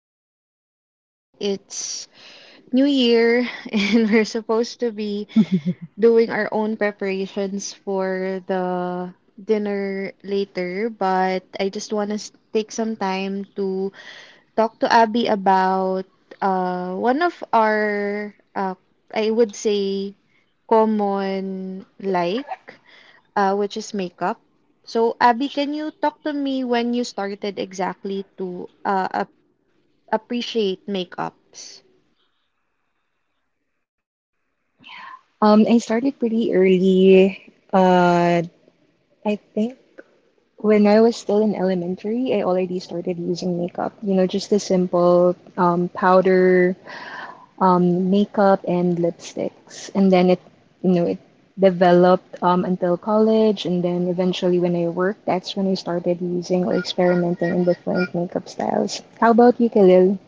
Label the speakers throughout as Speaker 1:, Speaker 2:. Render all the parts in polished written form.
Speaker 1: podcast. I know it's New Year and we're supposed to be doing our own preparations for the dinner later, but I just want to take some time to talk to Abby about one of our, I would say, common like which is makeup. So, Abby, can you talk to me when you started exactly to appreciate makeups?
Speaker 2: I started pretty early. Uh, I think when I was still in elementary, I already started using makeup. Just the simple powder, makeup, and lipsticks. And then it developed until college. And then eventually, when I worked, that's when I started using or experimenting in different makeup styles. How about you, Khalil?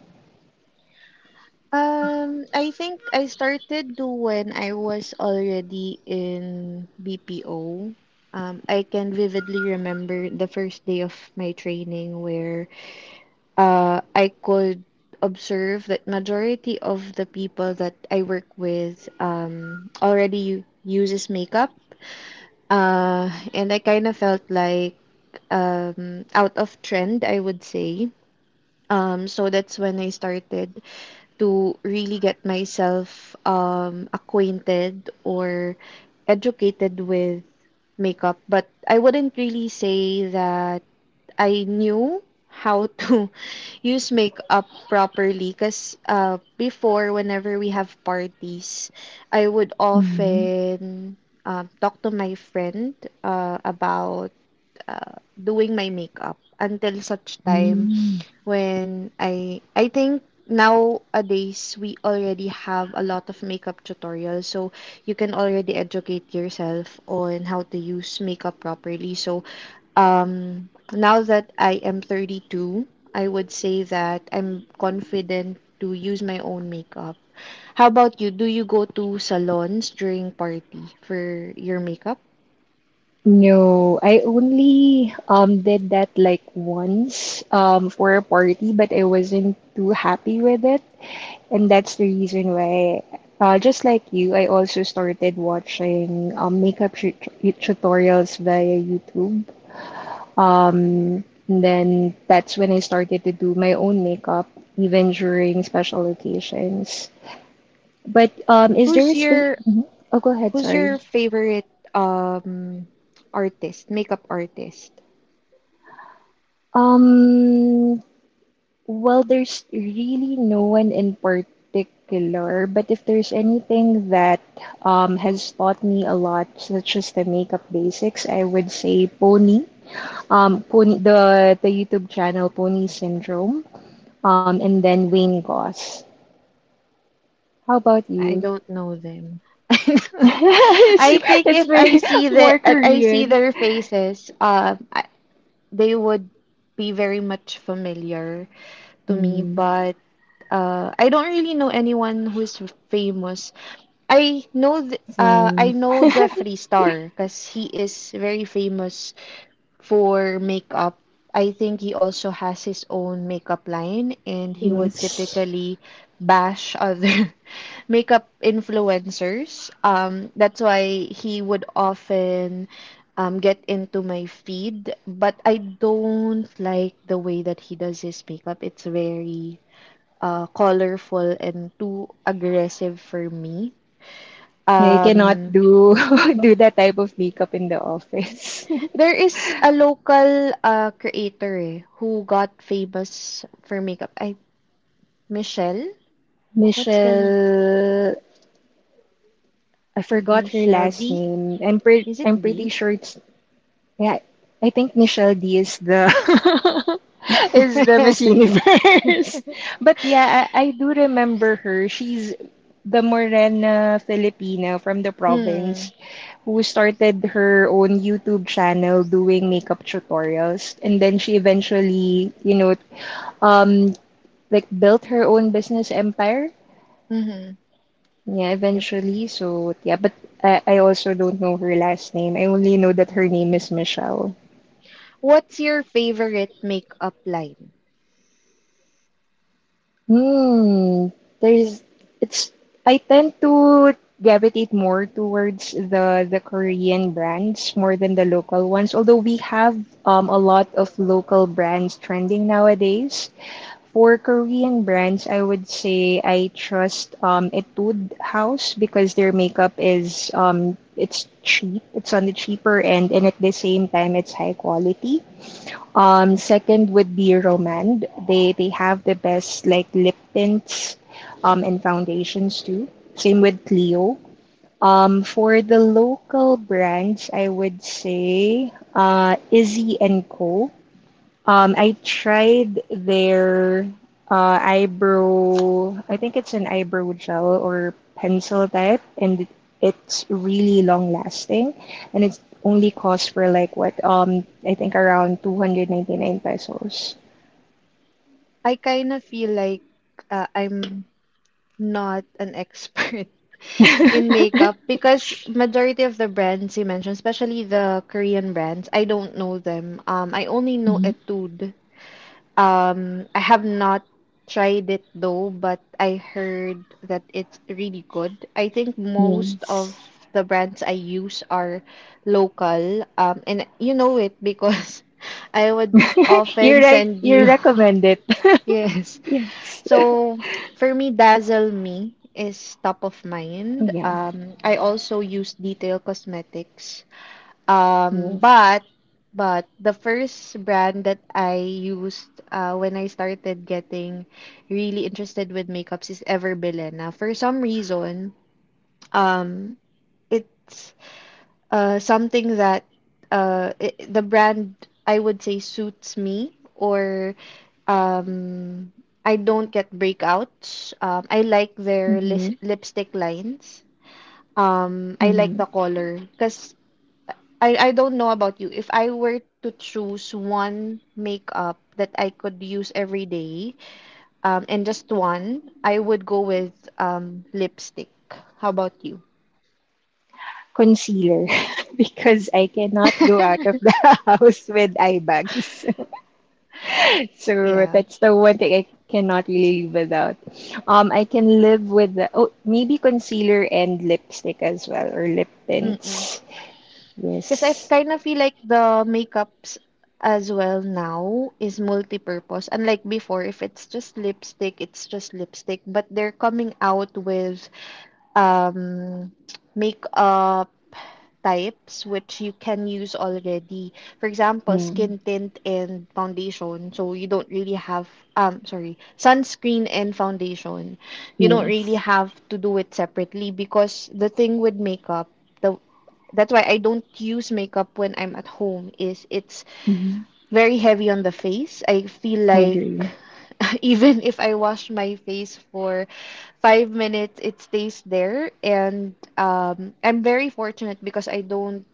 Speaker 1: I think I started do when I was already in BPO. I can vividly remember the first day of my training where I could observe that majority of the people that I work with already uses makeup. And I kind of felt like out of trend, I would say. So that's when I started to really get myself acquainted or educated with makeup. But I wouldn't really say that I knew how to use makeup properly because before whenever we have parties I would often talk to my friend about doing my makeup until such time
Speaker 2: Mm-hmm.
Speaker 1: when I think nowadays we already have a lot of makeup tutorials, so you can already educate yourself on how to use makeup properly. So now that I am 32, I would say that I'm confident to use my own makeup. How about you? Do you go to salons during party for your makeup?
Speaker 2: No, I only did that like once for a party, but I wasn't too happy with it, and that's the reason why, just like you, I also started watching makeup tutorials via YouTube. And then that's when I started to do my own makeup, even during special occasions. But
Speaker 1: who's
Speaker 2: is there a
Speaker 1: your
Speaker 2: spe- Mhm. Oh, go
Speaker 1: Who's
Speaker 2: ahead,
Speaker 1: your
Speaker 2: sorry.
Speaker 1: favorite artist, makeup artist?
Speaker 2: Um, Well, there's really no one in particular, but if there's anything that has taught me a lot, such as the makeup basics, I would say Pony, the YouTube channel Pony Syndrome, and then Wayne Goss. How about
Speaker 1: I
Speaker 2: you?
Speaker 1: don't know them.
Speaker 2: It's
Speaker 1: I think
Speaker 2: it's
Speaker 1: if I
Speaker 2: very
Speaker 1: see the
Speaker 2: more
Speaker 1: I see
Speaker 2: Korean.
Speaker 1: their faces, they would be very much familiar to me,
Speaker 2: Hmm,
Speaker 1: but I don't really know anyone who's famous. I know th I
Speaker 2: same.
Speaker 1: know Jeffree Star because he is very famous for makeup. I think he also has his own makeup line and he would
Speaker 2: Yes.
Speaker 1: typically bash other makeup influencers. That's why he would often get into my feed. But I don't like the way that he does his makeup. It's very colorful and too aggressive for me.
Speaker 2: Yeah, you cannot
Speaker 1: Um,
Speaker 2: do do that type of makeup in the office.
Speaker 1: There is a local creator who got famous for makeup. I Michelle? What's the name?
Speaker 2: Michelle, I forgot her
Speaker 1: Michelle
Speaker 2: last
Speaker 1: D?
Speaker 2: name.
Speaker 1: Is it
Speaker 2: I'm pretty
Speaker 1: D?
Speaker 2: sure it's yeah. I think Michelle D is the is the Miss
Speaker 1: Mm.
Speaker 2: Universe. But yeah, I do remember her. She's the Morena Filipina from the
Speaker 1: Mm-hmm.
Speaker 2: province who started her own YouTube channel doing makeup tutorials, and then she eventually, um like, built her own business empire. Yeah,
Speaker 1: Yep.
Speaker 2: eventually. So, yeah, but I also don't know her last name. I only know that her name is Michelle.
Speaker 1: What's your favorite makeup line?
Speaker 2: Hmm. There's it's I tend to gravitate more towards the Korean brands more than the local ones, although we have a lot of local brands trending nowadays. For Korean brands, I would say I trust Etude House because their makeup is it's cheap, it's on the cheaper end, and at the same time it's high quality. Second would be Romand. They have the best like lip tints, and foundations too. Same with Clio. For the local brands, I would say Izzy and Co. I tried their eyebrow. I think it's an eyebrow gel or pencil type, and it's really long lasting, and it's only cost for like what I think around 299 pesos.
Speaker 1: I kind of feel like I'm not an expert in makeup because majority of the brands you mentioned, especially the Korean brands, I don't know them. I only know Etude. I have not tried it though, but I heard that it's really good. I think most of
Speaker 2: Yes.
Speaker 1: the brands I use are local. And you know it because I would
Speaker 2: You're
Speaker 1: often
Speaker 2: like,
Speaker 1: send
Speaker 2: you
Speaker 1: you.
Speaker 2: recommend it.
Speaker 1: Yes.
Speaker 2: Yes.
Speaker 1: So for me, Dazzle Me is top of mind.
Speaker 2: Yeah.
Speaker 1: I also use Detail Cosmetics. Um,
Speaker 2: Yes.
Speaker 1: but but the first brand that I used when I started getting really interested with makeups is Everbillen. Now, for some reason, um, it's something that the brand, I would say, suits me, or um, I don't get breakouts. I like their
Speaker 2: Mm-hmm.
Speaker 1: lipstick lines. I like
Speaker 2: Mm-hmm.
Speaker 1: the color because I don't know about you. If I were to choose one makeup that I could use every day, and just one, I would go with lipstick. How about you?
Speaker 2: Concealer, because I cannot go out of the house with eye bags. So
Speaker 1: Yeah.
Speaker 2: that's the one thing I cannot really live without. I can live with the oh maybe concealer and lipstick as well, or lip
Speaker 1: Mm-mm.
Speaker 2: tints.
Speaker 1: Because I
Speaker 2: Yes.
Speaker 1: kind of feel like the makeups as well now is multi-purpose. Unlike before, if it's just lipstick, it's just lipstick. But they're coming out with um makeup types which you can use already. For example,
Speaker 2: Yeah.
Speaker 1: skin tint and foundation. So you don't really have sorry, sunscreen and foundation. You don't really
Speaker 2: Yes.
Speaker 1: have to do it separately because the thing with makeup, the that's why I don't use makeup when I'm at home is it's
Speaker 2: Hmm,
Speaker 1: very heavy on the face. I feel
Speaker 2: I
Speaker 1: like
Speaker 2: agree.
Speaker 1: even if I wash my face for 5 minutes, it stays there. And I'm very fortunate because I don't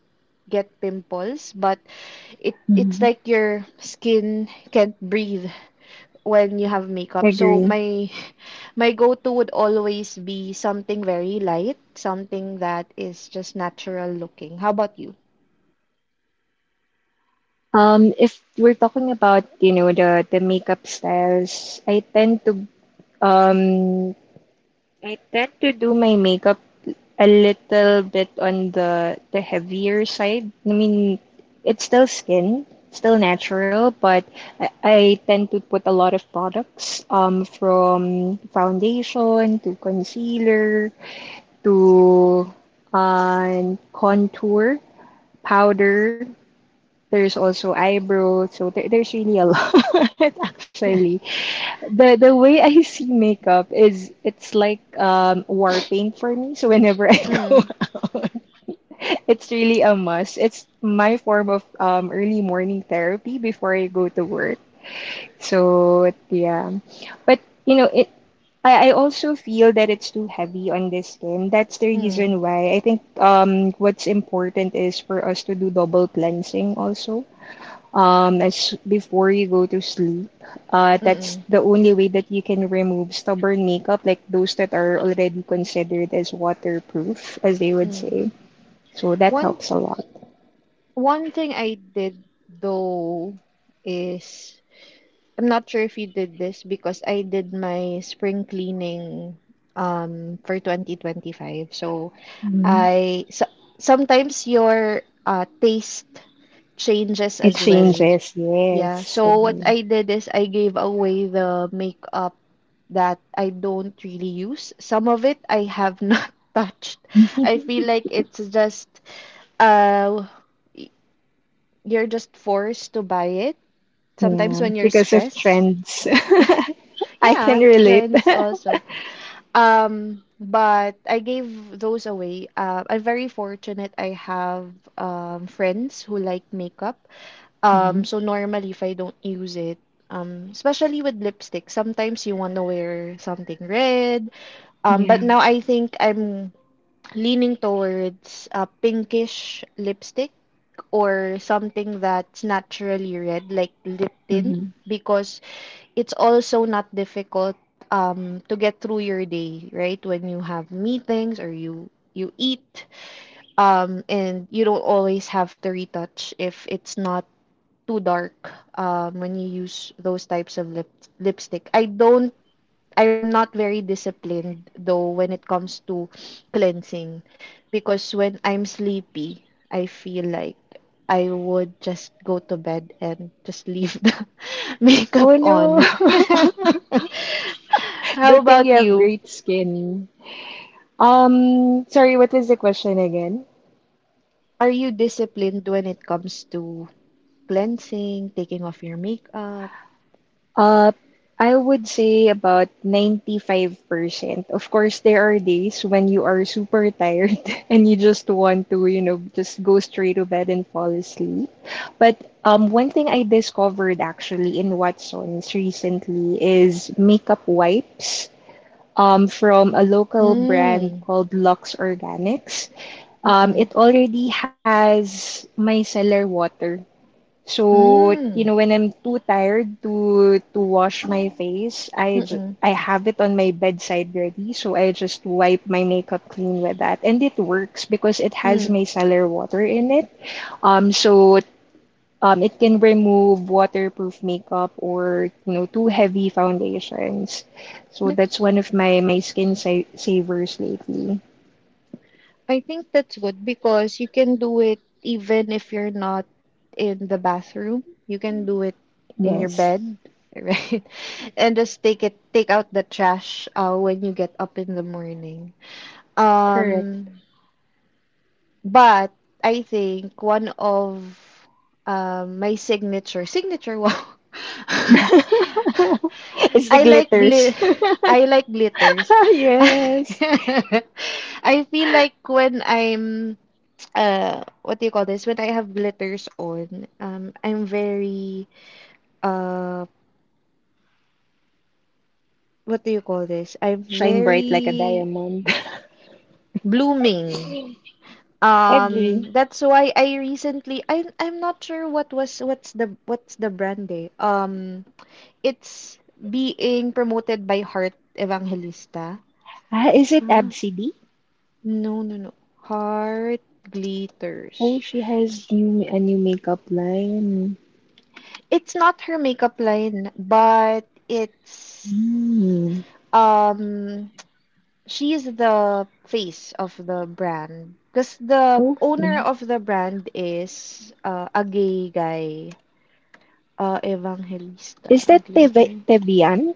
Speaker 1: get pimples, but it's
Speaker 2: Hmm,
Speaker 1: like your skin can't breathe when you have
Speaker 2: I
Speaker 1: makeup. So
Speaker 2: agree.
Speaker 1: my my go-to would always be something very light, something that is just natural looking. How about you?
Speaker 2: If we're talking about, the makeup styles, um I tend to do my makeup a little bit on the heavier side. I mean, it's still skin, still natural, but I tend to put a lot of products, from foundation to concealer, to contour, powder. There's also eyebrow, so there's really a lot, actually. The way I see makeup is it's like warping for me. So whenever I go
Speaker 1: Mm,
Speaker 2: out, it's really a must. It's my form of early morning therapy before I go to work. So yeah. But you know, it I also feel that it's too heavy on the skin. That's the
Speaker 1: mm,
Speaker 2: reason why I think what's important is for us to do double cleansing also, as before you go to sleep. That's
Speaker 1: mm,
Speaker 2: the only way that you can remove stubborn makeup, like those that are already considered as waterproof, as they would
Speaker 1: mm.
Speaker 2: say. So that
Speaker 1: One
Speaker 2: helps a lot.
Speaker 1: one thing I did though is I'm not sure if you did this because I did my spring cleaning for 2025. So
Speaker 2: Mm.
Speaker 1: I so, sometimes your taste changes
Speaker 2: It
Speaker 1: as well.
Speaker 2: changes,
Speaker 1: Yeah,
Speaker 2: yes,
Speaker 1: so what
Speaker 2: agree.
Speaker 1: I did is I gave away the makeup that I don't really use. Some of it I have not touched. I feel like it's just uh y- you're just forced to buy it sometimes
Speaker 2: Yeah,
Speaker 1: when you're
Speaker 2: because of
Speaker 1: stressed.
Speaker 2: trends. I can
Speaker 1: Yeah,
Speaker 2: relate.
Speaker 1: trends also. But I gave those away. I'm very fortunate I have friends who like makeup.
Speaker 2: Mhm.
Speaker 1: So normally if I don't use it, especially with lipstick, sometimes you want to wear something red. But
Speaker 2: Yeah,
Speaker 1: now I think I'm leaning towards a pinkish lipstick or something that's naturally red, like lip tint,
Speaker 2: hmm,
Speaker 1: because
Speaker 2: yeah.
Speaker 1: it's also not difficult to get through your day, right? When you have meetings or you eat, and you don't always have to retouch if it's not too dark when you use those types of lipstick. I'm not very disciplined though when it comes to cleansing because when I'm sleepy, I feel like I would just go to bed and just leave the
Speaker 2: Oh
Speaker 1: makeup
Speaker 2: no,
Speaker 1: on. How
Speaker 2: good thing you
Speaker 1: about
Speaker 2: have
Speaker 1: you?
Speaker 2: great skin. Sorry, what was the question again?
Speaker 1: Are you disciplined when it comes to cleansing, taking off your makeup?
Speaker 2: Uh, I would say about 95%. Of course, there are days when you are super tired and you just want to, just go straight to bed and fall asleep. But one thing I discovered actually in Watson's recently is makeup wipes. From a local brand
Speaker 1: Mm.
Speaker 2: called Lux Organics.
Speaker 1: Mm-mm.
Speaker 2: It already has micellar water, so,
Speaker 1: Mm.
Speaker 2: when I'm too tired to wash my face,
Speaker 1: Mm-mm.
Speaker 2: I have it on my bedside ready, so I just wipe my makeup clean with that. And it works because it has
Speaker 1: Mm.
Speaker 2: micellar water in it. So, it can remove waterproof makeup, or, too heavy foundations. So that's
Speaker 1: That's
Speaker 2: one of my skin sa savers lately.
Speaker 1: I think that's good because you can do it even if you're not in the bathroom. You can do it in your
Speaker 2: Yes,
Speaker 1: bed, right? And just take it, take out the trash when you get up in the morning.
Speaker 2: correct.
Speaker 1: Um, but I think one of my signature wow.
Speaker 2: It's the
Speaker 1: I like
Speaker 2: glitters.
Speaker 1: glit I like glitters.
Speaker 2: Yes.
Speaker 1: I feel like when I'm what do you call this when I have glitters on, I'm very uh what do you call this I'm
Speaker 2: Shine bright like a
Speaker 1: very
Speaker 2: diamond.
Speaker 1: blooming,
Speaker 2: Agree.
Speaker 1: that's why I recently I'm not sure what's the brand it's being promoted by Heart Evangelista.
Speaker 2: Ah, is it
Speaker 1: ah
Speaker 2: Absidy?
Speaker 1: no no no Heart
Speaker 2: Oh,
Speaker 1: Glitters.
Speaker 2: she has new a new makeup line.
Speaker 1: It's not her makeup line, but it's
Speaker 2: Hmm.
Speaker 1: um she is the face of the brand because the owner
Speaker 2: Okay.
Speaker 1: of the brand is a gay guy, Evangelista
Speaker 2: Is that Teve
Speaker 1: Glitter.
Speaker 2: Teviant?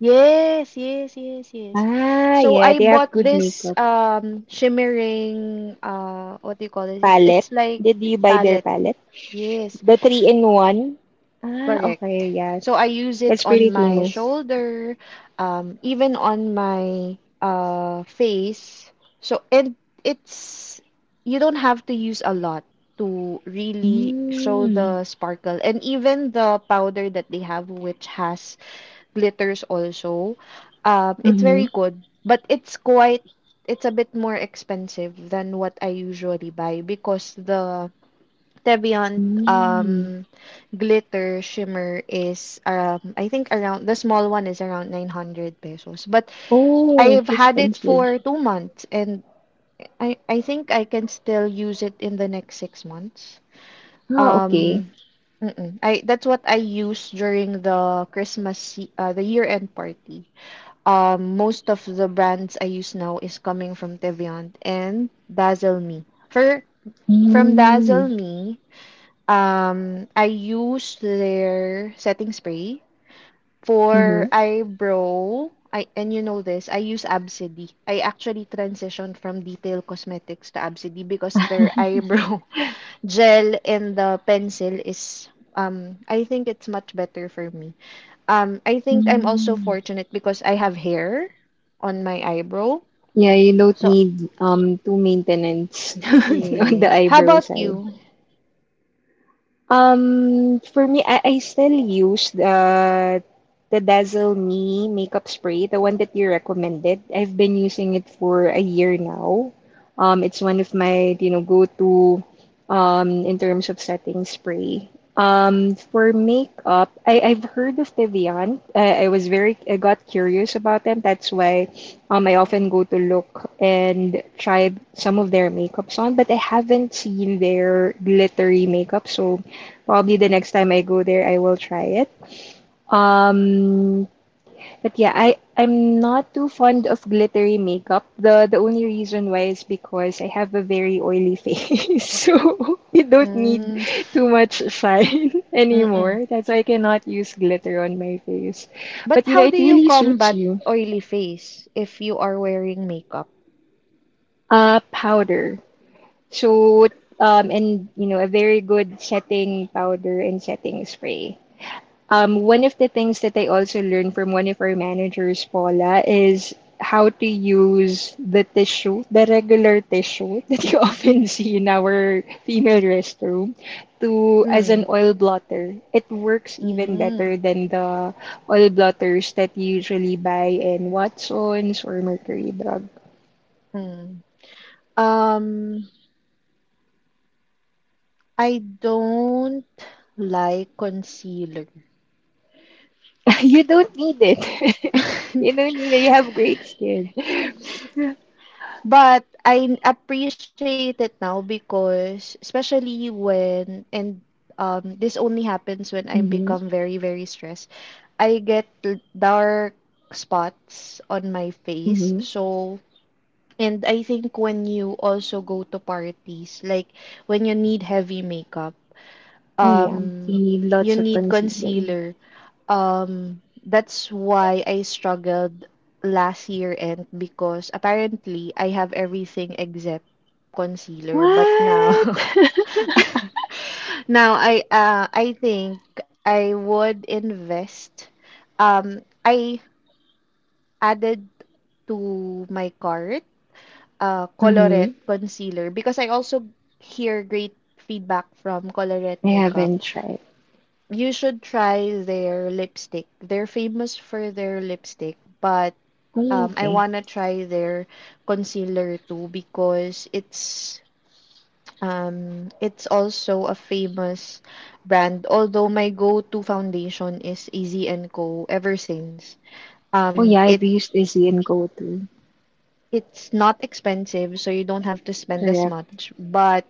Speaker 1: Yes, yes.
Speaker 2: Ah,
Speaker 1: So
Speaker 2: yeah,
Speaker 1: I
Speaker 2: they have
Speaker 1: bought
Speaker 2: good
Speaker 1: this
Speaker 2: makeup.
Speaker 1: shimmering what do you call this? It's
Speaker 2: Palette.
Speaker 1: like
Speaker 2: Did you buy their
Speaker 1: palette.
Speaker 2: palette?
Speaker 1: Yes.
Speaker 2: The three in one? Ah,
Speaker 1: Correct.
Speaker 2: okay, yeah.
Speaker 1: So I use it
Speaker 2: That's pretty
Speaker 1: on my
Speaker 2: famous.
Speaker 1: shoulder, even on my face. So it it's you don't have to use a lot to really show
Speaker 2: Mm.
Speaker 1: the sparkle. And even the powder that they have, which has glitters also, it's
Speaker 2: Mm-hmm.
Speaker 1: very good. But it's a bit more expensive than what I usually buy because the Teviant
Speaker 2: Mm.
Speaker 1: um glitter shimmer is I think around the small one is around 900 pesos, but
Speaker 2: Oh,
Speaker 1: I've
Speaker 2: it's
Speaker 1: had it
Speaker 2: expensive.
Speaker 1: for 2 months and I think I can still use it in the next 6 months.
Speaker 2: Ah, okay.
Speaker 1: um mm-mm. I That's what I use during the the year-end party. Most of the brands I use now is coming from Teviant and Dazzle Me. For from
Speaker 2: Mm.
Speaker 1: Dazzle Me, I use their setting spray
Speaker 2: Mm-hmm.
Speaker 1: for eyebrow. I and you know this, I use Absidy. I actually transitioned from Detail Cosmetics to Absidy because their eyebrow gel and the pencil is I think it's much better for me. I think I'm also
Speaker 2: Mm.
Speaker 1: fortunate because I have hair on my eyebrow.
Speaker 2: Yeah, you don't
Speaker 1: So,
Speaker 2: need two maintenance on the
Speaker 1: yes. How
Speaker 2: eyebrow
Speaker 1: about
Speaker 2: side.
Speaker 1: you?
Speaker 2: For me, I still use the Dazzle Me makeup spray, the one that you recommended. I've been using it for a year now. It's one of my, go-to, in terms of setting spray. For makeup, I've heard of Deviant. I got curious about them. That's why I often go to look and try some of their makeups on, but I haven't seen their glittery makeup, so probably the next time I go there, I will try it. Um, but yeah, I'm not too fond of glittery makeup. The only reason why is because I have a very oily face, so you don't need
Speaker 1: Mm,
Speaker 2: too much shine
Speaker 1: mm.
Speaker 2: anymore. That's why I cannot use glitter on my face.
Speaker 1: But
Speaker 2: But
Speaker 1: how
Speaker 2: it
Speaker 1: do you
Speaker 2: really suits
Speaker 1: combat
Speaker 2: you.
Speaker 1: oily face if you are wearing makeup?
Speaker 2: Powder. So, and a very good setting powder and setting spray. One of the things that I also learned from one of our managers, Paula, is how to use the tissue, the regular tissue that you often see in our female restroom, to as an
Speaker 1: Mm,
Speaker 2: oil blotter. It works even
Speaker 1: mm,
Speaker 2: better than the oil blotters that you usually buy in Watsons or Mercury Drug.
Speaker 1: mm. Um, I don't like concealer.
Speaker 2: You don't need it. You don't need it. You have great skin.
Speaker 1: But I appreciate it now because especially when and this only happens when I
Speaker 2: Mm-hmm.
Speaker 1: become very very stressed. I get dark spots on my face.
Speaker 2: Mm-hmm.
Speaker 1: So. And I think when you also go to parties, like when you need heavy makeup,
Speaker 2: Oh yeah, you
Speaker 1: um,
Speaker 2: need
Speaker 1: you
Speaker 2: lots of
Speaker 1: need
Speaker 2: concealer.
Speaker 1: concealer. That's why I struggled last year end because apparently I have everything except concealer, but now
Speaker 2: What?
Speaker 1: now I think I would invest. I added to my cart Colorette
Speaker 2: Mhm.
Speaker 1: concealer because I also hear great feedback from Colorette
Speaker 2: I
Speaker 1: Makeup.
Speaker 2: haven't tried.
Speaker 1: You should try their lipstick. They're famous for their lipstick, but
Speaker 2: Oh,
Speaker 1: I
Speaker 2: okay.
Speaker 1: wanna try their concealer too because it's also a famous brand. Although my go-to foundation is Easy and Co. ever since.
Speaker 2: Oh,
Speaker 1: Um,
Speaker 2: yeah,
Speaker 1: it
Speaker 2: I've used Izzy and GoTo.
Speaker 1: it's not expensive, so you don't have to spend as
Speaker 2: Correct.
Speaker 1: much, but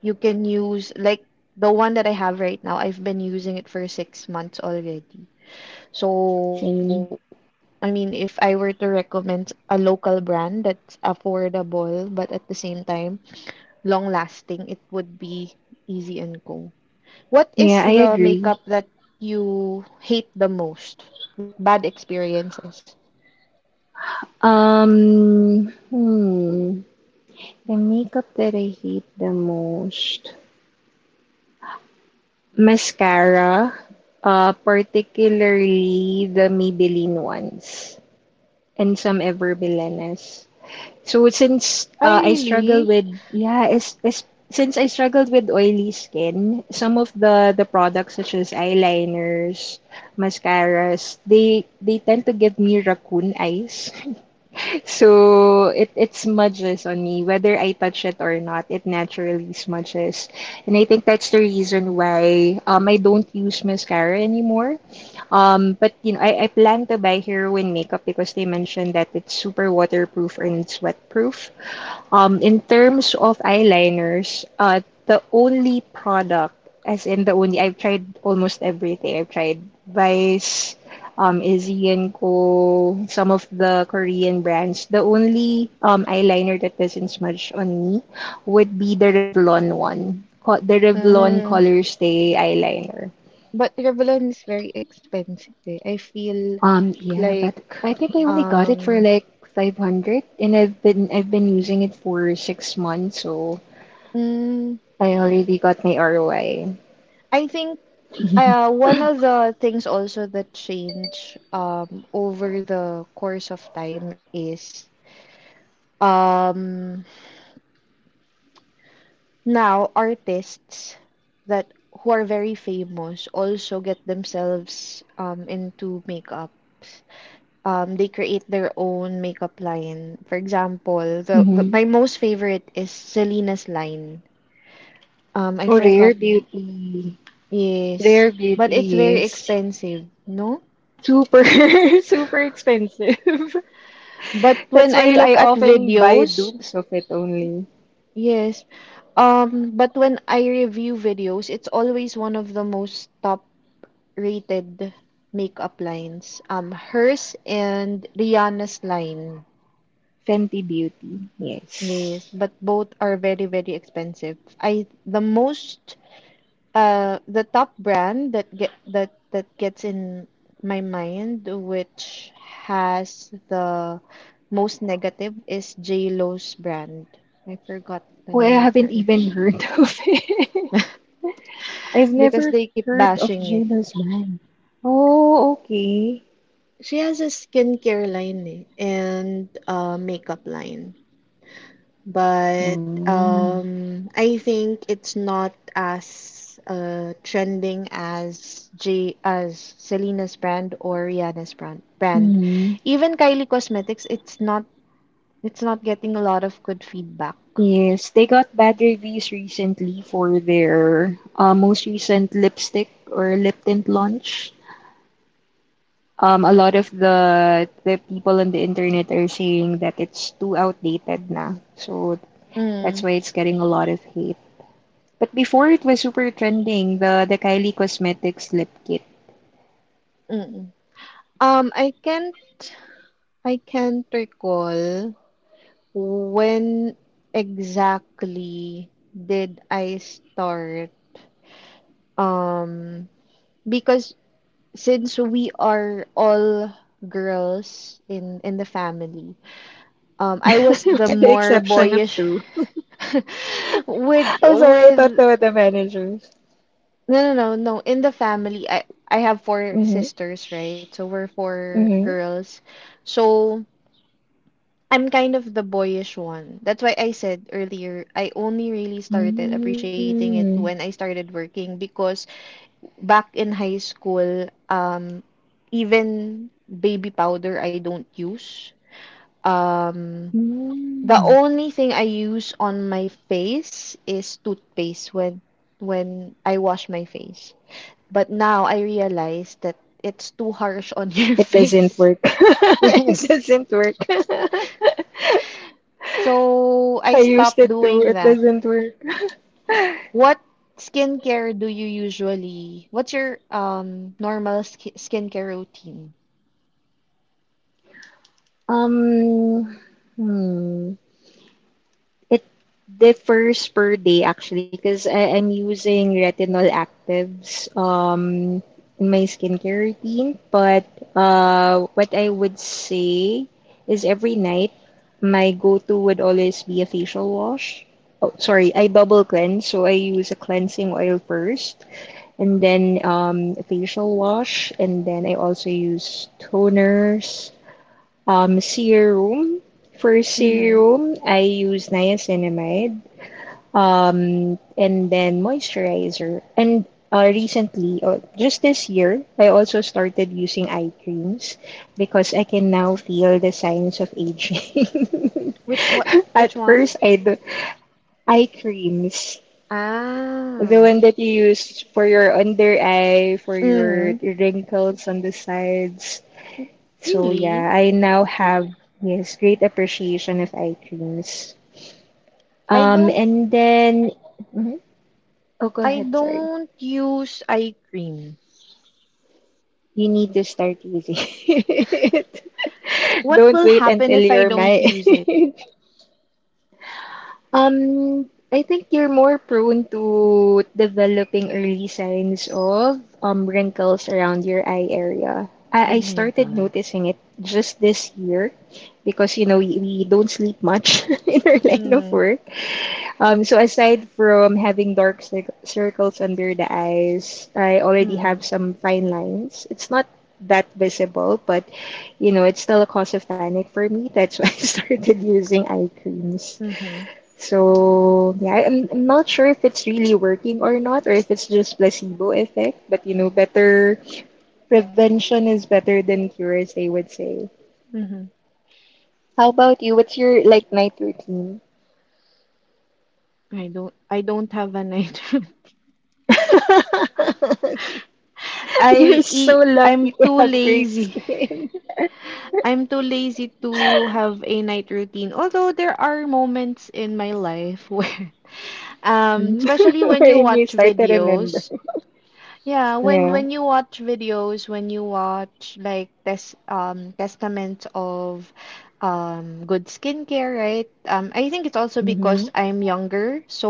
Speaker 1: you can use like the one that I have right now. I've been using it for 6 months already. So, I
Speaker 2: Same.
Speaker 1: mean, if I were to recommend a local brand that's affordable but at the same time long lasting, it would be Easy and Co. What is
Speaker 2: Yeah, I
Speaker 1: the makeup
Speaker 2: agree.
Speaker 1: that you hate the most? Like bad experiences?
Speaker 2: Hmm. The makeup that I hate the most. Mascara. Particularly the Maybelline ones. And some Ever Belenes. So since
Speaker 1: I
Speaker 2: I struggle
Speaker 1: really.
Speaker 2: with, yeah, is since I struggled with oily skin, some of the products such as eyeliners, mascaras, they tend to give me raccoon eyes. So it smudges on me whether I touch it or not. It naturally smudges, and I think that's the reason why I don't use mascara anymore. But I plan to buy Heroin makeup because they mentioned that it's super waterproof and sweatproof. In terms of eyeliners, the only product, as in the only, I've tried almost everything. I've tried Vice, Izzy and Co, some of the Korean brands. The only eyeliner that doesn't smudge on me would be the Revlon one, the Revlon
Speaker 1: Mm,
Speaker 2: Color Stay eyeliner.
Speaker 1: but Revlon is very expensive, eh. I feel
Speaker 2: Yeah, but
Speaker 1: like
Speaker 2: I think I only got it for
Speaker 1: um
Speaker 2: like 500, and I've been using it for 6 months, so
Speaker 1: Mm,
Speaker 2: I already got my ROI.
Speaker 1: I think one of the things also that change, over the course of time, is, um, now artists that who are very famous also get themselves, into makeup. They create their own makeup line. For example, the
Speaker 2: Hmm.
Speaker 1: my most favorite is Selena's line. I
Speaker 2: Oh, rare
Speaker 1: forgot
Speaker 2: beauty.
Speaker 1: is,
Speaker 2: Rare
Speaker 1: but it's
Speaker 2: beauty
Speaker 1: very
Speaker 2: is
Speaker 1: expensive, no?
Speaker 2: super, super expensive.
Speaker 1: But when
Speaker 2: That's
Speaker 1: I
Speaker 2: why
Speaker 1: look
Speaker 2: I
Speaker 1: at
Speaker 2: often buy
Speaker 1: videos,
Speaker 2: dupes of it only.
Speaker 1: yes. But when I review videos, it's always one of the most top rated makeup lines. Hers and Rihanna's line.
Speaker 2: Fenty Beauty,
Speaker 1: Yes,
Speaker 2: yes.
Speaker 1: but both are very, very expensive. I the most The top brand that gets in my mind, which has the most negative, is J Lo's brand. I forgot the
Speaker 2: Oh, I
Speaker 1: name of
Speaker 2: haven't
Speaker 1: her
Speaker 2: even heard of it. I've
Speaker 1: because
Speaker 2: never
Speaker 1: they keep
Speaker 2: heard of
Speaker 1: bashing it.
Speaker 2: J-Lo's brand. Oh, okay.
Speaker 1: She has a skincare line, eh, and a makeup line. But
Speaker 2: Mm-hmm.
Speaker 1: I think it's not as trending as J as Selena's brand or Rihanna's brand. Even Kylie Cosmetics, it's not getting a lot of good feedback.
Speaker 2: Yes, they got bad reviews recently for their most recent lipstick or lip tint launch. A lot of the people on the internet are saying that it's too outdated now, so that's
Speaker 1: Mm,
Speaker 2: why it's getting a lot of hate. But before, it was super trending, the Kylie Cosmetics lip kit.
Speaker 1: mm. mm. Um, I can't I can't recall when exactly did I start, um because since we are all girls in the family, I was
Speaker 2: With
Speaker 1: the
Speaker 2: the
Speaker 1: more
Speaker 2: exception of
Speaker 1: boyish
Speaker 2: two. I'm sorry, I thought
Speaker 1: with
Speaker 2: they were the managers.
Speaker 1: no, no, no, no, in the family I have four
Speaker 2: Mm-hmm.
Speaker 1: sisters, right? So we're four
Speaker 2: Mm-hmm.
Speaker 1: girls, so I'm kind of the boyish one. That's why I said earlier I only really started appreciating
Speaker 2: Mm-hmm.
Speaker 1: it when I started working, because back in high school, even baby powder I don't use. Um,
Speaker 2: Mm-hmm.
Speaker 1: the only thing I use on my face is toothpaste when, I wash my face. But now I realize that it's too harsh on
Speaker 2: It
Speaker 1: your
Speaker 2: doesn't work.
Speaker 1: face.
Speaker 2: It
Speaker 1: Yes.
Speaker 2: doesn't work.
Speaker 1: So
Speaker 2: I
Speaker 1: I
Speaker 2: used
Speaker 1: stopped
Speaker 2: it too.
Speaker 1: doing
Speaker 2: It
Speaker 1: that.
Speaker 2: doesn't work.
Speaker 1: What skincare do you usually? What's your normal sk skincare routine?
Speaker 2: Um, hmm. It differs per day actually because I'm using retinol actives in my skincare routine, but what I would say is every night my go-to would always be a facial wash. Oh, sorry, I double cleanse, so I use a cleansing oil first and then, facial wash, and then I also use toners, serum. For
Speaker 1: Mm-hmm.
Speaker 2: serum, I use niacinamide, and then moisturizer. And Recently, or just this year, I also started using eye creams because I can now feel the signs of aging.
Speaker 1: Which what which
Speaker 2: At
Speaker 1: one?
Speaker 2: first, I do eye creams, the
Speaker 1: Ah.
Speaker 2: one that you use for your under eye, for your
Speaker 1: Mm.
Speaker 2: wrinkles on the sides. So
Speaker 1: Really?
Speaker 2: yeah, I now have, yes, great appreciation of eye creams.
Speaker 1: I don't
Speaker 2: And then mhm. oh, go
Speaker 1: I
Speaker 2: ahead. Sorry,
Speaker 1: don't use eye cream.
Speaker 2: you need to start using it.
Speaker 1: What
Speaker 2: Don't
Speaker 1: will
Speaker 2: wait
Speaker 1: happen
Speaker 2: until
Speaker 1: if I
Speaker 2: you're
Speaker 1: don't
Speaker 2: my
Speaker 1: use it?
Speaker 2: I think you're more prone to developing early signs of wrinkles around your eye area. I,
Speaker 1: Oh
Speaker 2: I
Speaker 1: my
Speaker 2: started
Speaker 1: God.
Speaker 2: noticing it just this year because, you know, we don't sleep much in our line of
Speaker 1: Hmm.
Speaker 2: work. So aside from having dark cir circles under the eyes, I already have
Speaker 1: Hmm.
Speaker 2: some fine lines. It's not that visible, but, you know, it's still a cause of panic for me. That's why I started using eye creams.
Speaker 1: Mm-hmm.
Speaker 2: So yeah, I'm not sure if it's really working or not, or if it's just placebo effect. But you know, better prevention is better than cure, as they would say.
Speaker 1: Mm-hmm.
Speaker 2: How about you? What's your like night routine?
Speaker 1: I don't have an idea.
Speaker 2: You're so lucky
Speaker 1: I'm
Speaker 2: to
Speaker 1: too
Speaker 2: have great
Speaker 1: lazy.
Speaker 2: skin.
Speaker 1: I'm too lazy to have a night routine. Although there are moments in my life where, especially when you
Speaker 2: Wherein you
Speaker 1: watch
Speaker 2: start to remember.
Speaker 1: videos. Yeah, when
Speaker 2: Yeah.
Speaker 1: when you watch videos, when you watch like testament of good skincare, right? I think it's also
Speaker 2: Mm-hmm.
Speaker 1: because I'm younger, so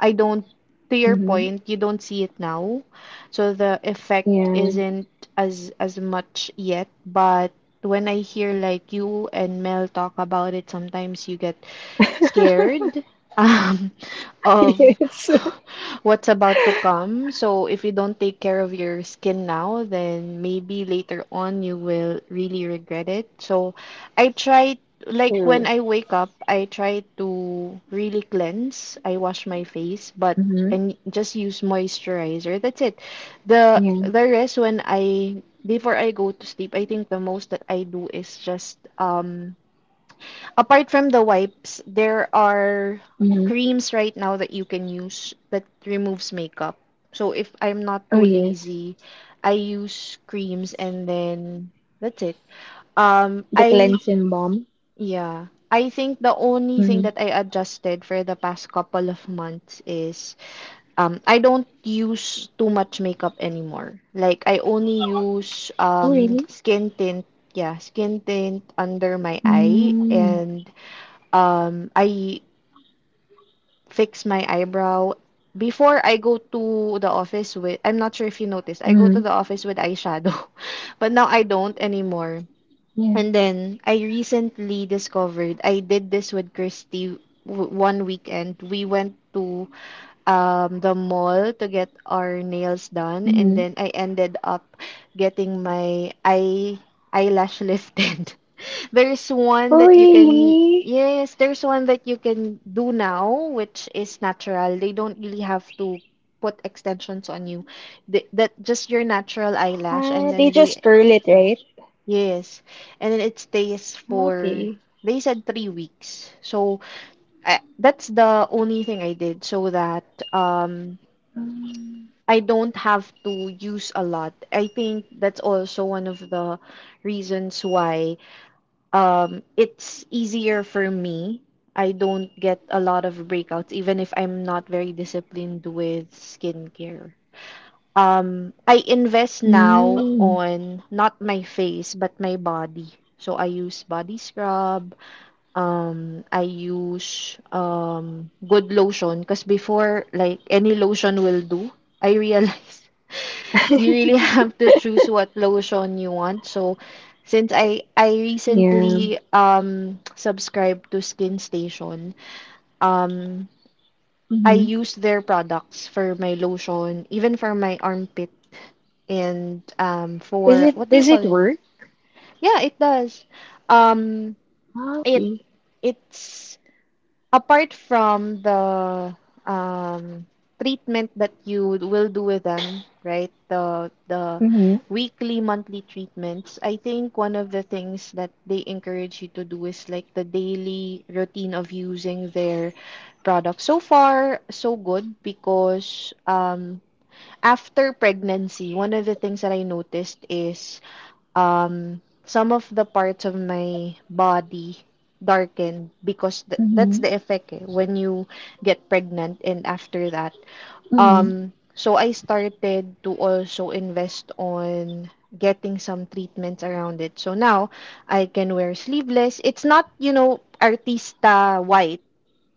Speaker 1: I don't, to your
Speaker 2: Mm-hmm.
Speaker 1: point, you don't see it now. So the effect
Speaker 2: Yeah.
Speaker 1: isn't as much yet, but when I hear like you and Mel talk about it, sometimes you get scared, um, of
Speaker 2: Yes.
Speaker 1: what's about to come. So if you don't take care of your skin now, then maybe later on you will really regret it. So I try, like when I
Speaker 2: True.
Speaker 1: wake up, I try to really cleanse. I wash my face, but
Speaker 2: Mm-hmm.
Speaker 1: and just use moisturizer. That's it. The
Speaker 2: Yeah.
Speaker 1: the rest, when I, before I go to sleep, I think the most that I do is just, apart from the wipes, there are
Speaker 2: Mm-hmm.
Speaker 1: creams right now that you can use that removes makeup. So if I'm not too
Speaker 2: Oh yes.
Speaker 1: lazy, I use creams, and then that's it. Um,
Speaker 2: The
Speaker 1: I,
Speaker 2: cleansing balm.
Speaker 1: yeah, I think the only thing that
Speaker 2: Mhm.
Speaker 1: I adjusted for the past couple of months is, I don't use too much makeup anymore. Like I only use,
Speaker 2: Oh, really?
Speaker 1: skin tint, yeah, skin tint under my eye,
Speaker 2: Mm.
Speaker 1: and I fix my eyebrow before I go to the office with I'm not sure if you noticed, I go to the
Speaker 2: Mm.
Speaker 1: office with eyeshadow, but now I don't anymore.
Speaker 2: Yeah.
Speaker 1: And then I recently discovered, I did this with Christy one weekend. We went to the mall to get our nails done, and
Speaker 2: Mm-hmm.
Speaker 1: then I ended up getting my eyelash lifted. There's one
Speaker 2: Oh,
Speaker 1: that you can,
Speaker 2: really?
Speaker 1: yes, there's one that you can do now which is natural. They don't really have to put extensions on you. That just your natural eyelash,
Speaker 2: Ah,
Speaker 1: and then
Speaker 2: they just
Speaker 1: they.
Speaker 2: curl it, right?
Speaker 1: Yes, and then it stays for,
Speaker 2: Okay.
Speaker 1: they said, 3 weeks. So I, that's the only thing I did so that, um
Speaker 2: Um,
Speaker 1: I don't have to use a lot. I think that's also one of the reasons why, it's easier for me. I don't get a lot of breakouts even if I'm not very disciplined with skincare. I invest
Speaker 2: mm.
Speaker 1: now on not my face but my body. So I use body scrub. I use, good lotion, because before, like any lotion will do. I realize you really have to choose what lotion you want. So since I
Speaker 2: Yeah.
Speaker 1: recently subscribed to Skin Station, um I
Speaker 2: Mm-hmm.
Speaker 1: use their products for my lotion, even for my armpit, and
Speaker 2: Is
Speaker 1: for
Speaker 2: it,
Speaker 1: what do you
Speaker 2: does
Speaker 1: call
Speaker 2: it
Speaker 1: it?
Speaker 2: work?
Speaker 1: Yeah, it does. Um
Speaker 2: Ah,
Speaker 1: it
Speaker 2: okay.
Speaker 1: it's apart from the, um, treatment that you will do with them, right? The
Speaker 2: Mm-hmm.
Speaker 1: weekly, monthly treatments. I think one of the things that they encourage you to do is like the daily routine of using their product. So far, so good because, after pregnancy, one of the things that I noticed is, some of the parts of my body darkened because that's
Speaker 2: Mm-hmm.
Speaker 1: the effect, eh, when you get pregnant, and after that,
Speaker 2: Mm-hmm.
Speaker 1: so I started to also invest on getting some treatments around it. So now I can wear sleeveless. It's not, artista white,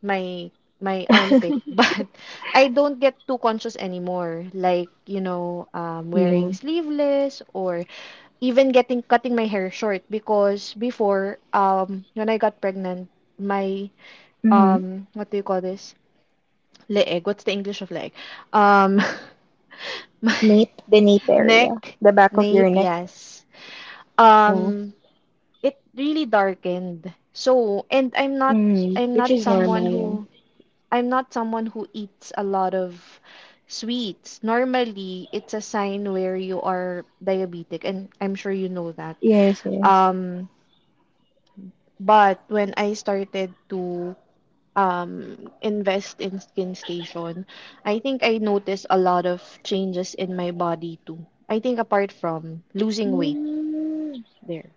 Speaker 1: my my armpit, but I don't get too conscious anymore, like
Speaker 2: Yeah.
Speaker 1: wearing sleeveless, or even getting cutting my hair short, because before, when I got pregnant, my,
Speaker 2: Mm-hmm.
Speaker 1: what do you call this, leg, what's the english of leg, um my
Speaker 2: Nape, the nape area,
Speaker 1: neck,
Speaker 2: the back of your
Speaker 1: nape,
Speaker 2: neck.
Speaker 1: yes,
Speaker 2: Yeah.
Speaker 1: um it really darkened. So, and
Speaker 2: Mm,
Speaker 1: i'm
Speaker 2: which
Speaker 1: not
Speaker 2: is
Speaker 1: someone
Speaker 2: normal,
Speaker 1: who I'm not someone who eats a lot of sweets. Normally, it's a sign where you are diabetic, and I'm sure you know that.
Speaker 2: yeah. Yes, yes.
Speaker 1: Um, but when I started to, invest in Skin Station, I think I noticed a lot of changes in my body too. I think apart from losing weight
Speaker 2: Mm.
Speaker 1: there.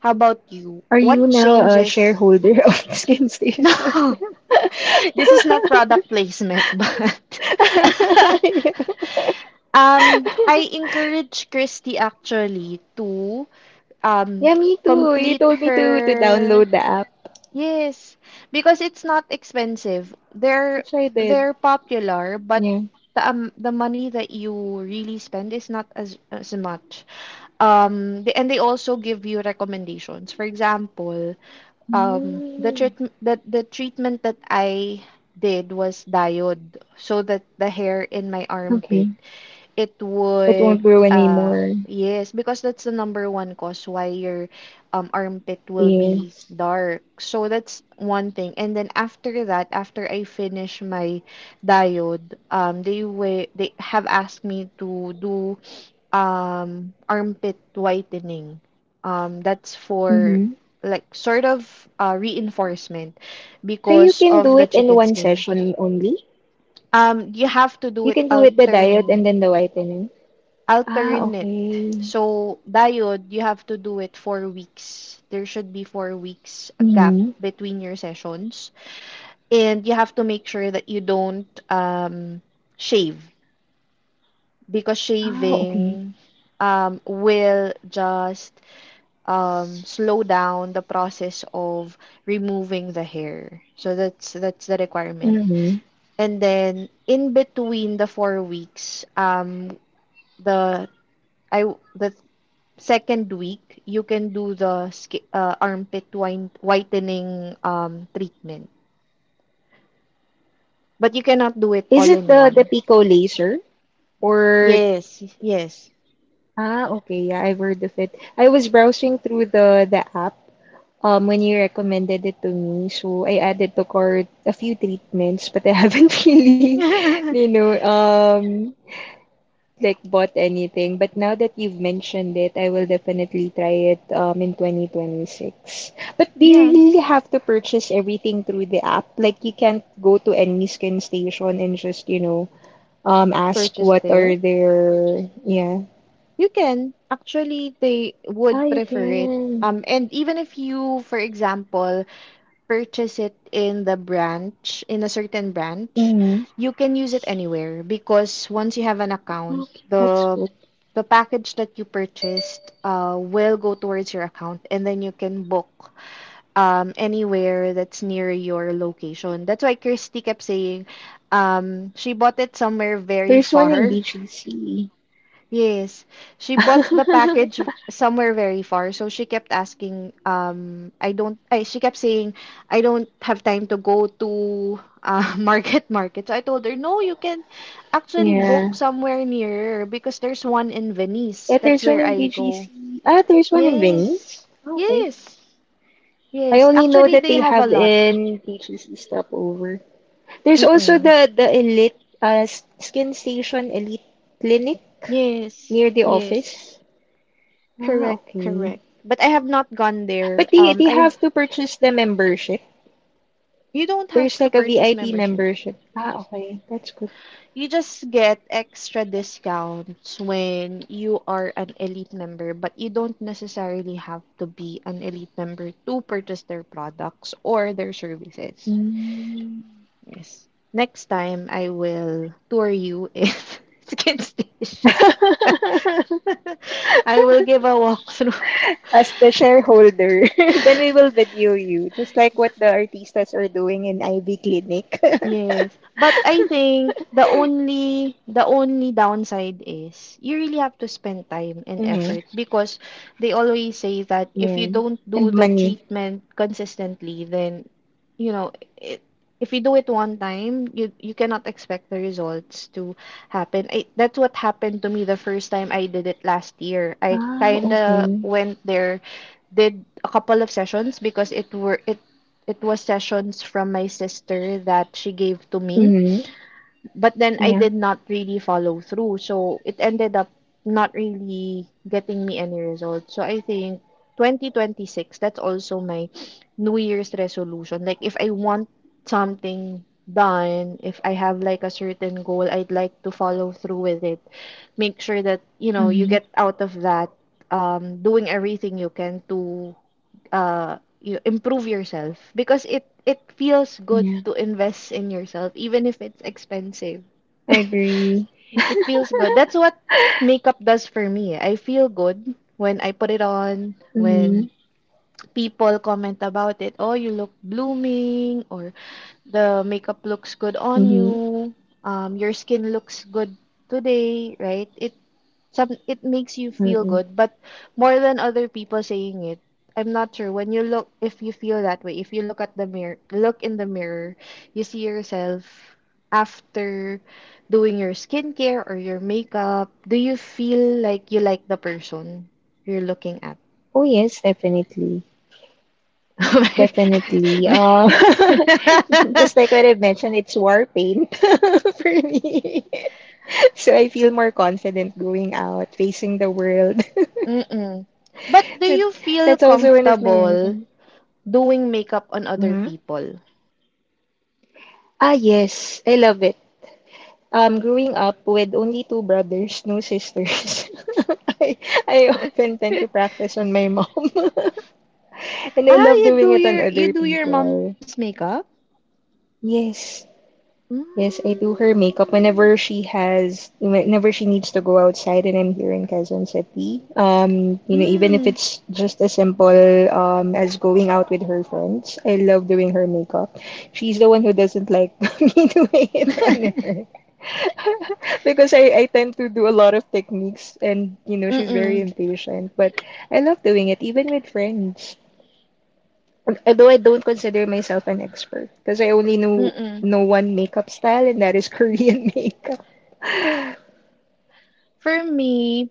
Speaker 1: How about you?
Speaker 2: Are you
Speaker 1: What
Speaker 2: now a
Speaker 1: changes?
Speaker 2: shareholder of Skin Station?
Speaker 1: No, this is not product placement, but
Speaker 2: Yeah,
Speaker 1: I encourage Christy actually to, um,
Speaker 2: yeah, me too. You
Speaker 1: complete
Speaker 2: told me to
Speaker 1: her.
Speaker 2: download the app,
Speaker 1: Yes, because it's not expensive. They're
Speaker 2: which I did.
Speaker 1: they're popular, but
Speaker 2: Yeah.
Speaker 1: the money that you really spend is not as much. And they also give you recommendations. For example, the
Speaker 2: Mm,
Speaker 1: treatment, the treatment that I did was diode, so that the hair in my
Speaker 2: okay.
Speaker 1: armpit, it
Speaker 2: It won't
Speaker 1: would,
Speaker 2: grow
Speaker 1: uh
Speaker 2: anymore.
Speaker 1: yes, because that's the number one cause why your armpit will be
Speaker 2: Yes.
Speaker 1: dark. So that's one thing. And then after that, after I finish my diode, they have asked me to do armpit whitening. That's
Speaker 2: Mm-hmm.
Speaker 1: for like sort of, reinforcement
Speaker 2: So you
Speaker 1: because
Speaker 2: can do
Speaker 1: of
Speaker 2: it
Speaker 1: the
Speaker 2: in
Speaker 1: chicken
Speaker 2: one
Speaker 1: skin.
Speaker 2: session only.
Speaker 1: You have to do
Speaker 2: You
Speaker 1: it
Speaker 2: can do it the diode and then the whitening. Ah,
Speaker 1: alternate.
Speaker 2: okay.
Speaker 1: So, diode, you have to do it 4 weeks. There should be 4 weeks a gap
Speaker 2: Mm-hmm.
Speaker 1: between your sessions. And you have to make sure that you don't, shave, because
Speaker 2: Ah, okay.
Speaker 1: shaving, will just, slow down the process of removing the hair. So that's the requirement.
Speaker 2: Mm-hmm.
Speaker 1: And then in between the 4 weeks, the I the second week, you can do the armpit whitening, treatment. But you cannot do it
Speaker 2: Is
Speaker 1: all
Speaker 2: it
Speaker 1: in
Speaker 2: the
Speaker 1: one.
Speaker 2: Pico laser or
Speaker 1: Yes, yes.
Speaker 2: ah, okay. Yeah, I've heard of it. I was browsing through the app when you recommended it to me, so I added to cart a few treatments, but I haven't really, you know, like bought anything. But now that you've mentioned it, I will definitely try it in 2026. But do you
Speaker 1: Yeah,
Speaker 2: really have to purchase everything through the app? Like you can't go to any skin station and just, you know, ask
Speaker 1: purchase
Speaker 2: what
Speaker 1: there.
Speaker 2: are their yeah.
Speaker 1: You can. Actually, they
Speaker 2: Ah,
Speaker 1: would
Speaker 2: you
Speaker 1: prefer it.
Speaker 2: can.
Speaker 1: And even if you, for example, purchase it in the branch, in a certain branch,
Speaker 2: Mm,
Speaker 1: you can use it anywhere, because once you have an account,
Speaker 2: okay, that's
Speaker 1: the
Speaker 2: good.
Speaker 1: the package that you purchased, will go towards your account, and then you can book, anywhere that's near your location. That's why Kirsty kept saying, she bought it somewhere very
Speaker 2: There's one in
Speaker 1: far.
Speaker 2: BGC.
Speaker 1: Yes, she bought the package somewhere very far, so she kept asking, I don't, I, she kept saying, I don't have time to go to, Market Market. So I told her, no, you can actually
Speaker 2: Yeah.
Speaker 1: book somewhere nearer because there's one in Venice.
Speaker 2: Yeah,
Speaker 1: That's
Speaker 2: there's one
Speaker 1: where
Speaker 2: in
Speaker 1: I go.
Speaker 2: BGC. Ah, there's one in
Speaker 1: Yes,
Speaker 2: Venice. Okay.
Speaker 1: yes,
Speaker 2: I
Speaker 1: yes.
Speaker 2: only know
Speaker 1: Actually,
Speaker 2: that
Speaker 1: they
Speaker 2: they
Speaker 1: have a
Speaker 2: have
Speaker 1: lot.
Speaker 2: in TGC stopover. There's also
Speaker 1: Mm-mm.
Speaker 2: the Elite s- Skin Station Elite Clinic
Speaker 1: Yes,
Speaker 2: near the
Speaker 1: yes.
Speaker 2: office. Ah,
Speaker 1: Correct,
Speaker 2: okay.
Speaker 1: correct. But I have not gone
Speaker 2: But
Speaker 1: there.
Speaker 2: they have to purchase the membership.
Speaker 1: You don't
Speaker 2: There's
Speaker 1: have to
Speaker 2: like a
Speaker 1: purchase
Speaker 2: VIP
Speaker 1: membership.
Speaker 2: membership. Ah, okay. That's good.
Speaker 1: You just get extra discounts when you are an elite member, but you don't necessarily have to be an elite member to purchase their products or their services.
Speaker 2: Mm.
Speaker 1: Yes. Next time, I will tour you in, Skin Station. I will give a walkthrough.
Speaker 2: As the shareholder, then we will video you, just like what the artistas are doing in Ivy Clinic.
Speaker 1: Yes, but I think the only downside is you really have to spend time and
Speaker 2: Mm-hmm.
Speaker 1: effort, because they always say that if you
Speaker 2: Yeah.
Speaker 1: don't do
Speaker 2: And
Speaker 1: the
Speaker 2: money.
Speaker 1: treatment consistently, then you know it, if you do it one time, you cannot expect the results to happen. That's what happened to me the first time I did it last year. I
Speaker 2: Ah,
Speaker 1: kinda
Speaker 2: okay.
Speaker 1: went there, did a couple of sessions because it were it it was sessions from my sister that she gave to me,
Speaker 2: Hmm.
Speaker 1: but then I did
Speaker 2: Yeah.
Speaker 1: not really follow through, so it ended up not really getting me any results. So I think 2026, that's also my new year's resolution. Like if I want something done, if I have like a certain goal, I'd like to follow through with it, make sure that you know you get
Speaker 2: Mm-hmm.
Speaker 1: out of that, doing everything you can to you improve yourself, because it feels good
Speaker 2: Yeah.
Speaker 1: to invest in yourself even if it's expensive.
Speaker 2: I agree.
Speaker 1: It feels good. That's what makeup does for me. I feel good when I put it on,
Speaker 2: Mm-hmm.
Speaker 1: when people comment about it, oh you look blooming, or the makeup looks good on
Speaker 2: Mm-hmm.
Speaker 1: you, your skin looks good today, right? It some it makes you feel
Speaker 2: Mm-hmm.
Speaker 1: good, but more than other people saying it, I'm not sure when you look if you feel that way. If you look at the mirror, look in the mirror, you see yourself after doing your skincare or your makeup. Do you feel like you like the person you're looking at?
Speaker 2: Oh yes, definitely. Definitely. Just like what I mentioned, it's war paint for me. So I feel more confident going out, facing the world.
Speaker 1: Mm-mm. But do
Speaker 2: That-
Speaker 1: you feel
Speaker 2: That's also one of my
Speaker 1: comfortable
Speaker 2: reasons.
Speaker 1: doing makeup on other
Speaker 2: Mhm.
Speaker 1: people?
Speaker 2: Ah, yes. I love it. Growing up with only two brothers, no sisters, I, I often tend to practice on my mom. And I
Speaker 1: Ah,
Speaker 2: love doing it on
Speaker 1: you
Speaker 2: other
Speaker 1: do your mom's
Speaker 2: people.
Speaker 1: makeup?
Speaker 2: Yes. Yes, I do her
Speaker 1: Mm.
Speaker 2: makeup whenever she has, whenever she needs to go outside and I'm here in Quezon City. You know,
Speaker 1: Mm.
Speaker 2: even if it's just as simple as going out with her friends, I love doing her makeup. She's the one who doesn't like me doing it on her because I tend to do a lot of techniques and you know, she's
Speaker 1: Mm-mm.
Speaker 2: very impatient, but I love doing it even with friends, although I don't consider myself an expert because I only know
Speaker 1: Mm-mm.
Speaker 2: know one makeup style, and that is Korean makeup.
Speaker 1: For me,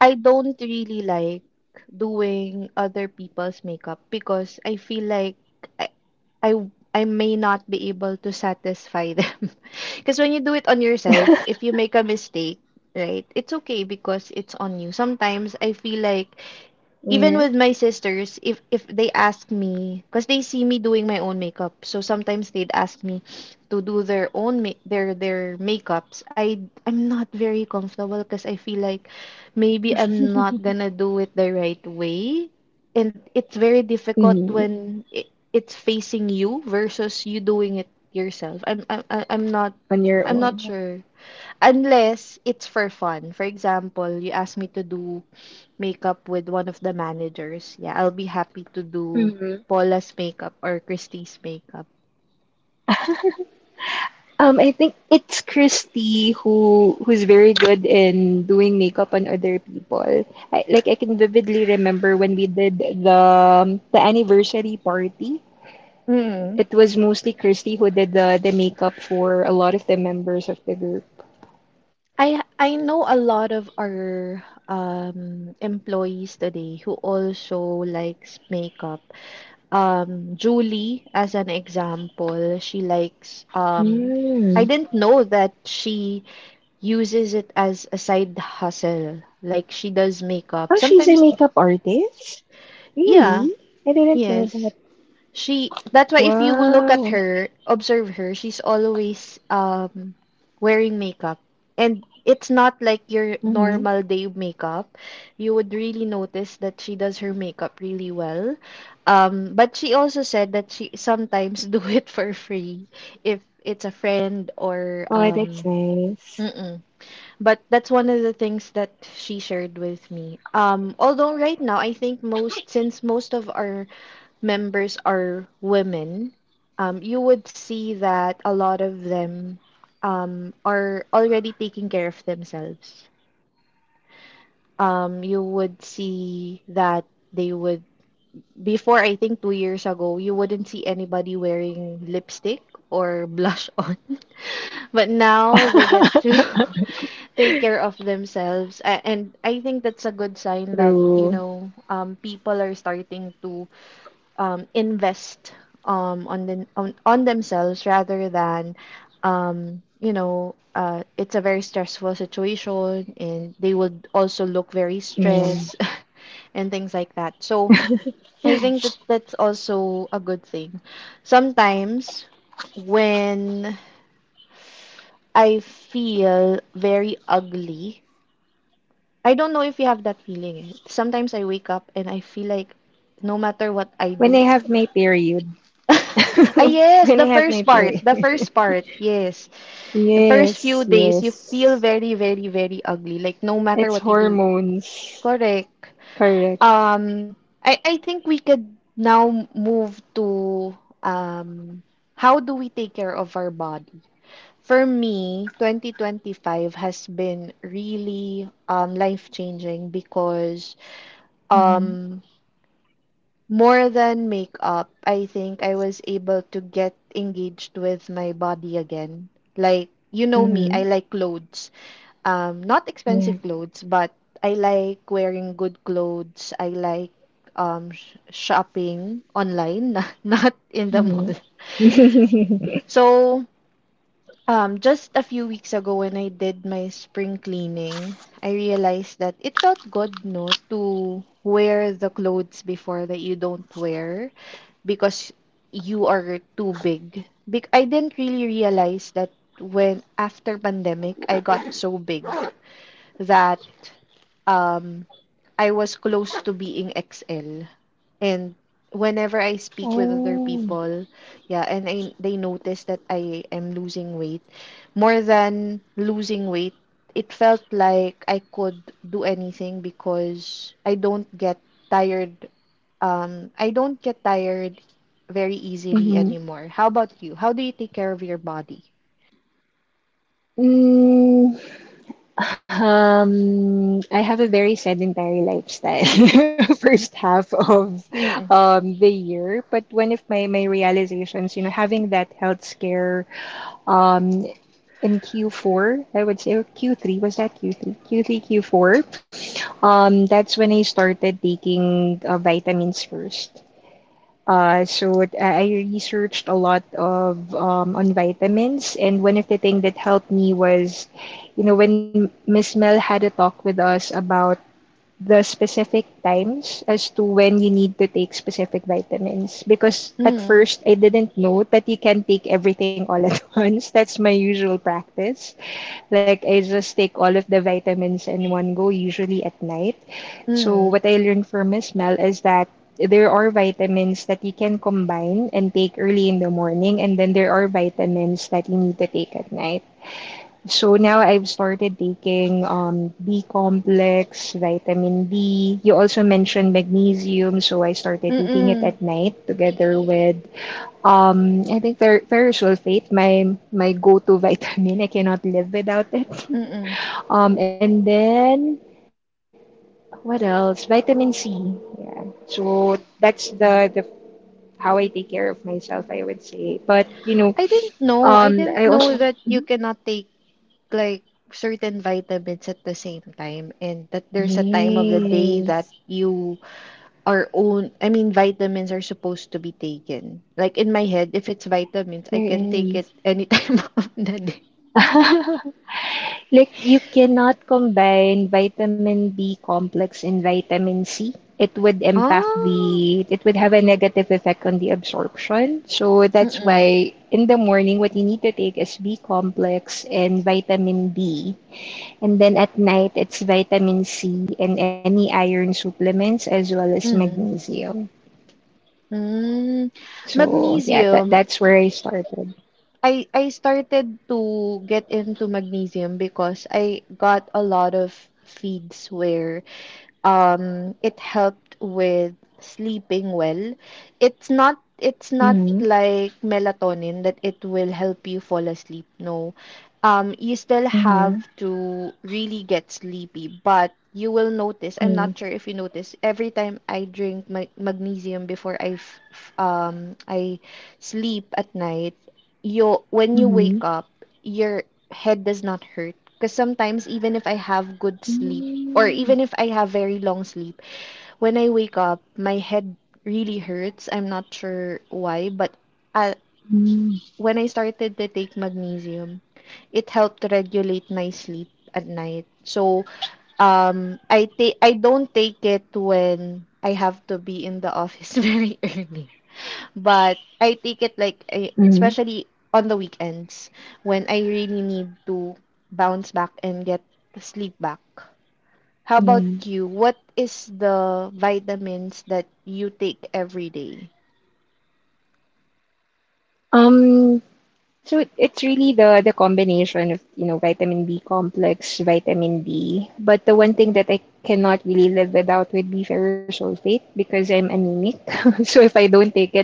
Speaker 1: I don't really like doing other people's makeup because I feel like I I, I may not be able to satisfy them. Because when you do it on yourself, if you make a mistake, right? It's okay because it's on you. Sometimes I feel like even
Speaker 2: Yeah.
Speaker 1: with my sisters, if they ask me, because they see me doing my own makeup, so sometimes they'd ask me to do their own their makeups. I'm not very comfortable because I feel like maybe I'm not gonna do it the right way, and it's very difficult
Speaker 2: Mhm.
Speaker 1: when it's facing you versus you doing it yourself. I'm not.
Speaker 2: On your
Speaker 1: I'm not
Speaker 2: own.
Speaker 1: sure. Unless it's for fun. For example, you ask me to do makeup with one of the managers, yeah, I'll be happy to do
Speaker 2: Mhm.
Speaker 1: Paula's makeup or Christie's makeup.
Speaker 2: I think it's Christy who who's very good in doing makeup on other people. I can vividly remember when we did the anniversary party.
Speaker 1: Mm.
Speaker 2: It was mostly Christy who did the makeup for a lot of the members of the group.
Speaker 1: I know a lot of our employees today who also likes makeup. Julie, as an example, she likes I
Speaker 2: Mm.
Speaker 1: didn't know that she uses it as a side hustle. Like she does makeup.
Speaker 2: Oh, she's a
Speaker 1: Sometimes,
Speaker 2: makeup artist?
Speaker 1: yeah,
Speaker 2: Really? I didn't know
Speaker 1: yes.
Speaker 2: that.
Speaker 1: She, that's why if you look at
Speaker 2: Wow.
Speaker 1: her, observe her, she's always wearing makeup. And it's not like your
Speaker 2: Hmm.
Speaker 1: normal day makeup. You would really notice that she does her makeup really well. But she also said that she sometimes do it for free if it's a friend or
Speaker 2: Oh, that's nice.
Speaker 1: mm-mm. But that's one of the things that she shared with me. Although right now I think most, since most of our members are women, you would see that a lot of them are already taking care of themselves. You would see that they would, before I think 2 years ago, you wouldn't see anybody wearing lipstick or blush on. But now they get to take care of themselves. And I think that's a good sign that, you
Speaker 2: True.
Speaker 1: know, people are starting to invest on themselves rather than you know, it's a very stressful situation and they would also look very
Speaker 2: Yeah.
Speaker 1: stressed and things like that. So I think that that's also a good thing. Sometimes when I feel very ugly, I don't know if you have that feeling. Eh. Sometimes I wake up and I feel like no matter what I
Speaker 2: When I
Speaker 1: do.
Speaker 2: have my period.
Speaker 1: Ah,
Speaker 2: When I
Speaker 1: yes,
Speaker 2: have my period.
Speaker 1: the first part, yes. The first
Speaker 2: Yes,
Speaker 1: few days, you
Speaker 2: yes.
Speaker 1: feel very, very, very ugly. Like no matter
Speaker 2: It's
Speaker 1: what you do.
Speaker 2: hormones.
Speaker 1: Correct.
Speaker 2: Correct.
Speaker 1: Um, I think we could now move to um, how do we take care of our body? For me, 2025 has been really life-changing because
Speaker 2: Mm-hmm.
Speaker 1: um, more than makeup, I think I was able to get engaged with my body again. Like, you know me, I
Speaker 2: Mm-hmm.
Speaker 1: like clothes. Not expensive
Speaker 2: Yeah.
Speaker 1: clothes, but I like wearing good clothes. I like shopping online, not in the
Speaker 2: Mm-hmm.
Speaker 1: mall. So, um, just a few weeks ago when I did my spring cleaning, I realized that it felt good, no, to wear the clothes before that you don't wear because you are too big. Bec I didn't really realize that when after pandemic, I got so big that um I was close to being XL. And whenever I speak with other
Speaker 2: Oh.
Speaker 1: people, yeah, and I they notice that I am losing weight, more than losing weight, it felt like I could do anything because I don't get tired. I don't get tired very easily
Speaker 2: Mm-hmm.
Speaker 1: anymore. How about you? How do you take care of your body?
Speaker 2: Mm. I have a very sedentary lifestyle first half of
Speaker 1: Mm.
Speaker 2: the year, but one of my my realizations, you know, having that health scare um in Q4, I would say, or Q3, was that Q3? Q3, Q4. That's when I started taking vitamins first. So I researched a lot of on vitamins, and one of the things that helped me was, you know, when Miss Mel had a talk with us about the specific times as to when you need to take specific vitamins. Because at
Speaker 1: Mm.
Speaker 2: first I didn't know that you can take everything all at once. That's my usual practice. Like I just take all of the vitamins in one go, usually at night. So
Speaker 1: Mm.
Speaker 2: what I learned from Miss Mel is that there are vitamins that you can combine and take early in the morning, and then there are vitamins that you need to take at night. So now I've started taking B complex, vitamin D. You also mentioned magnesium, so I started
Speaker 1: Mm.
Speaker 2: taking it
Speaker 1: Mm.
Speaker 2: at night together with I think ferrous sulfate, my go-to vitamin. I cannot live without it.
Speaker 1: Mm.
Speaker 2: And then what else? Vitamin C. Yeah. So that's the how I take care of myself, I would say. But you know,
Speaker 1: I didn't know. I
Speaker 2: I
Speaker 1: didn't
Speaker 2: also
Speaker 1: know that
Speaker 2: Mhm.
Speaker 1: you cannot take like certain vitamins at the same time and that there's a time of the day
Speaker 2: yes,
Speaker 1: that you are own I mean vitamins are supposed to be taken. Like in my head, if it's vitamins,
Speaker 2: there
Speaker 1: I can take
Speaker 2: is.
Speaker 1: it any time of the day.
Speaker 2: Like you cannot combine vitamin B complex and vitamin C. It would impact
Speaker 1: Ah,
Speaker 2: the, it would have a negative effect on the absorption. So that's
Speaker 1: mm-mm,
Speaker 2: why in the morning, what you need to take is B complex and vitamin B. And then at night, it's vitamin C and any iron supplements as well as
Speaker 1: mm-mm.
Speaker 2: magnesium.
Speaker 1: Mm.
Speaker 2: So yeah, that
Speaker 1: Magnesium,
Speaker 2: that's where I started.
Speaker 1: I started to get into magnesium because I got a lot of feeds where it helped with sleeping well. It's not
Speaker 2: Mm-hmm.
Speaker 1: like melatonin that it will help you fall asleep. No. Um, you still
Speaker 2: Mm-hmm.
Speaker 1: have to really get sleepy, but you will notice, I'm
Speaker 2: Yeah.
Speaker 1: not sure if you notice, every time I drink my magnesium before I sleep at night, you when you
Speaker 2: Mm-hmm.
Speaker 1: wake up, your head does not hurt. Because sometimes, even if I have good sleep, or
Speaker 2: Mm-hmm.
Speaker 1: even if I have very long sleep, when I wake up, my head really hurts. I'm not sure why, but uh, when I started to take magnesium, it helped regulate my sleep at night. So, I don't take it when I have to be in the office very early, but I take it like
Speaker 2: Mm-hmm.
Speaker 1: especially on the weekends when I really need to bounce back and get sleep back. How about
Speaker 2: Yeah.
Speaker 1: you? What is the vitamins that you take every day?
Speaker 2: Um, so it- it's really the combination of, you know, vitamin B complex, vitamin D. But the one thing that I cannot really live without would be ferrous sulfate because I'm anemic. So if I don't take it,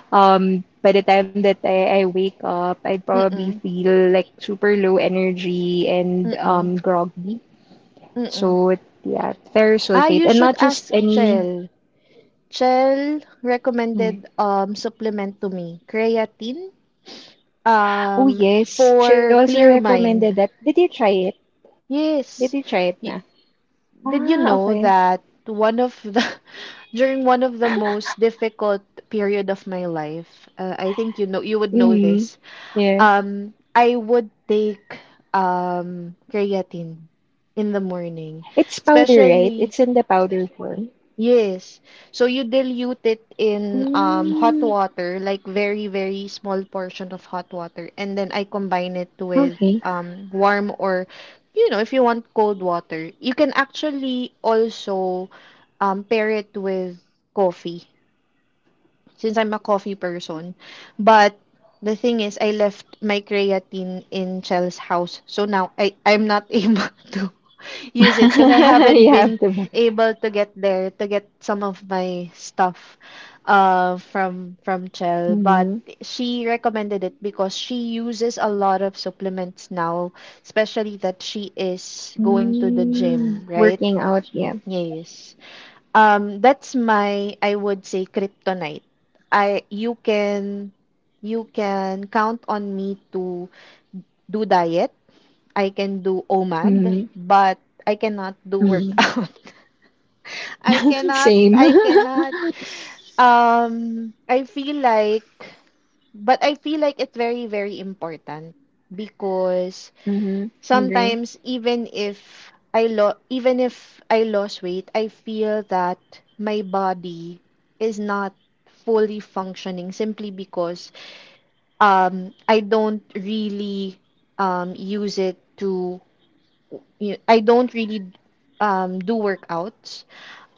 Speaker 2: by the time that I wake up, I'd probably
Speaker 1: Mm-mm,
Speaker 2: feel like super low energy and
Speaker 1: mm-mm,
Speaker 2: groggy.
Speaker 1: mm-mm.
Speaker 2: So it, yeah, ferrous
Speaker 1: Ah,
Speaker 2: sulfate
Speaker 1: you
Speaker 2: and
Speaker 1: should
Speaker 2: not just
Speaker 1: ask
Speaker 2: any.
Speaker 1: Chell. Chell
Speaker 2: Mm.
Speaker 1: recommended supplement to me, creatine,
Speaker 2: Oh
Speaker 1: um
Speaker 2: yes, she
Speaker 1: for
Speaker 2: also
Speaker 1: clear mind.
Speaker 2: recommended that. Did you try it? Did
Speaker 1: Yes.
Speaker 2: you try it na?
Speaker 1: Did you
Speaker 2: Ah,
Speaker 1: know
Speaker 2: okay.
Speaker 1: that one of the during one of the most difficult period of my life, I think you know you would know this.
Speaker 2: Mhm. Yeah.
Speaker 1: I would take creatine in the morning,
Speaker 2: It's powder, right?
Speaker 1: especially
Speaker 2: It's in the powder form.
Speaker 1: yes. So you dilute it in hot
Speaker 2: Mm,
Speaker 1: water, like very, very small portion of hot water, and then I combine it with
Speaker 2: okay.
Speaker 1: warm or you know, if you want cold water. You can actually also pair it with coffee, since I'm a coffee person. But the thing is, I left my creatine in Chel's house, so now I'm not able to use it because I haven't
Speaker 2: You have
Speaker 1: been
Speaker 2: to buy.
Speaker 1: able to get there to get some of my stuff from Chell, but
Speaker 2: Mhm.
Speaker 1: she recommended it because she uses a lot of supplements now, especially that she is going to the gym,
Speaker 2: Mm,
Speaker 1: right?
Speaker 2: working out, yeah.
Speaker 1: Yes. That's my, I would say, kryptonite. I you can count on me to do diet. I can do OMAD,
Speaker 2: Mhm.
Speaker 1: but I cannot do
Speaker 2: Mhm.
Speaker 1: workout.
Speaker 2: Same.
Speaker 1: I cannot. Um, I feel like, but I feel like it's very, very important, because
Speaker 2: Mhm. Agree.
Speaker 1: sometimes, even if I lost weight, I feel that my body is not fully functioning simply because I don't really use it to you I don't really do workouts.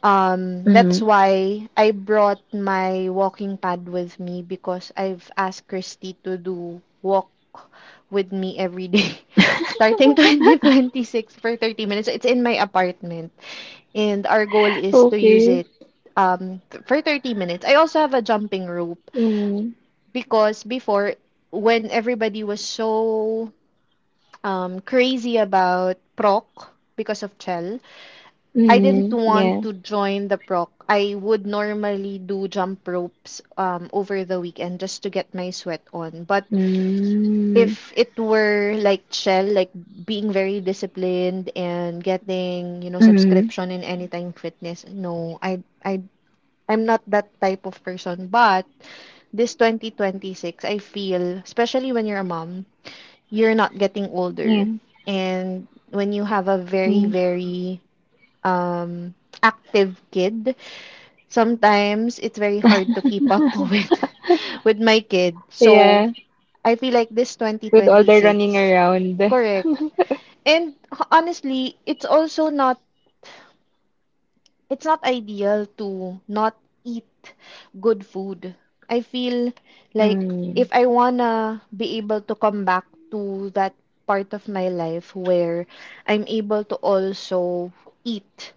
Speaker 1: That's
Speaker 2: Mhm.
Speaker 1: why I brought my walking pad with me because I've asked Christy to do walk with me every day starting 2026 for 30 minutes. It's in my apartment and our goal is to use
Speaker 2: Okay.
Speaker 1: it for 30 minutes. I also have a jumping rope
Speaker 2: Mm.
Speaker 1: because before when everybody was so crazy about proc because of Chell, I didn't
Speaker 2: Mm.
Speaker 1: want
Speaker 2: Yeah.
Speaker 1: to join the proc. I would normally do jump ropes over the weekend just to get my sweat on. But
Speaker 2: Mm.
Speaker 1: if it were like Shell, like being very disciplined and getting, you know,
Speaker 2: Mm.
Speaker 1: subscription in Anytime Fitness, no, I'm not that type of person. But this 2026, I feel, especially when you're a mom, you're not getting
Speaker 2: Yeah.
Speaker 1: older. And when you have a very,
Speaker 2: Yeah.
Speaker 1: very um, active kid, sometimes it's very hard to keep up with my kid. So,
Speaker 2: Yeah.
Speaker 1: I feel like this
Speaker 2: With all the running
Speaker 1: 2026.
Speaker 2: around.
Speaker 1: Correct. And honestly, it's also not, it's not ideal to not eat good food. I feel like
Speaker 2: Mm.
Speaker 1: if I wanna be able to come back to that part of my life where I'm able to also eat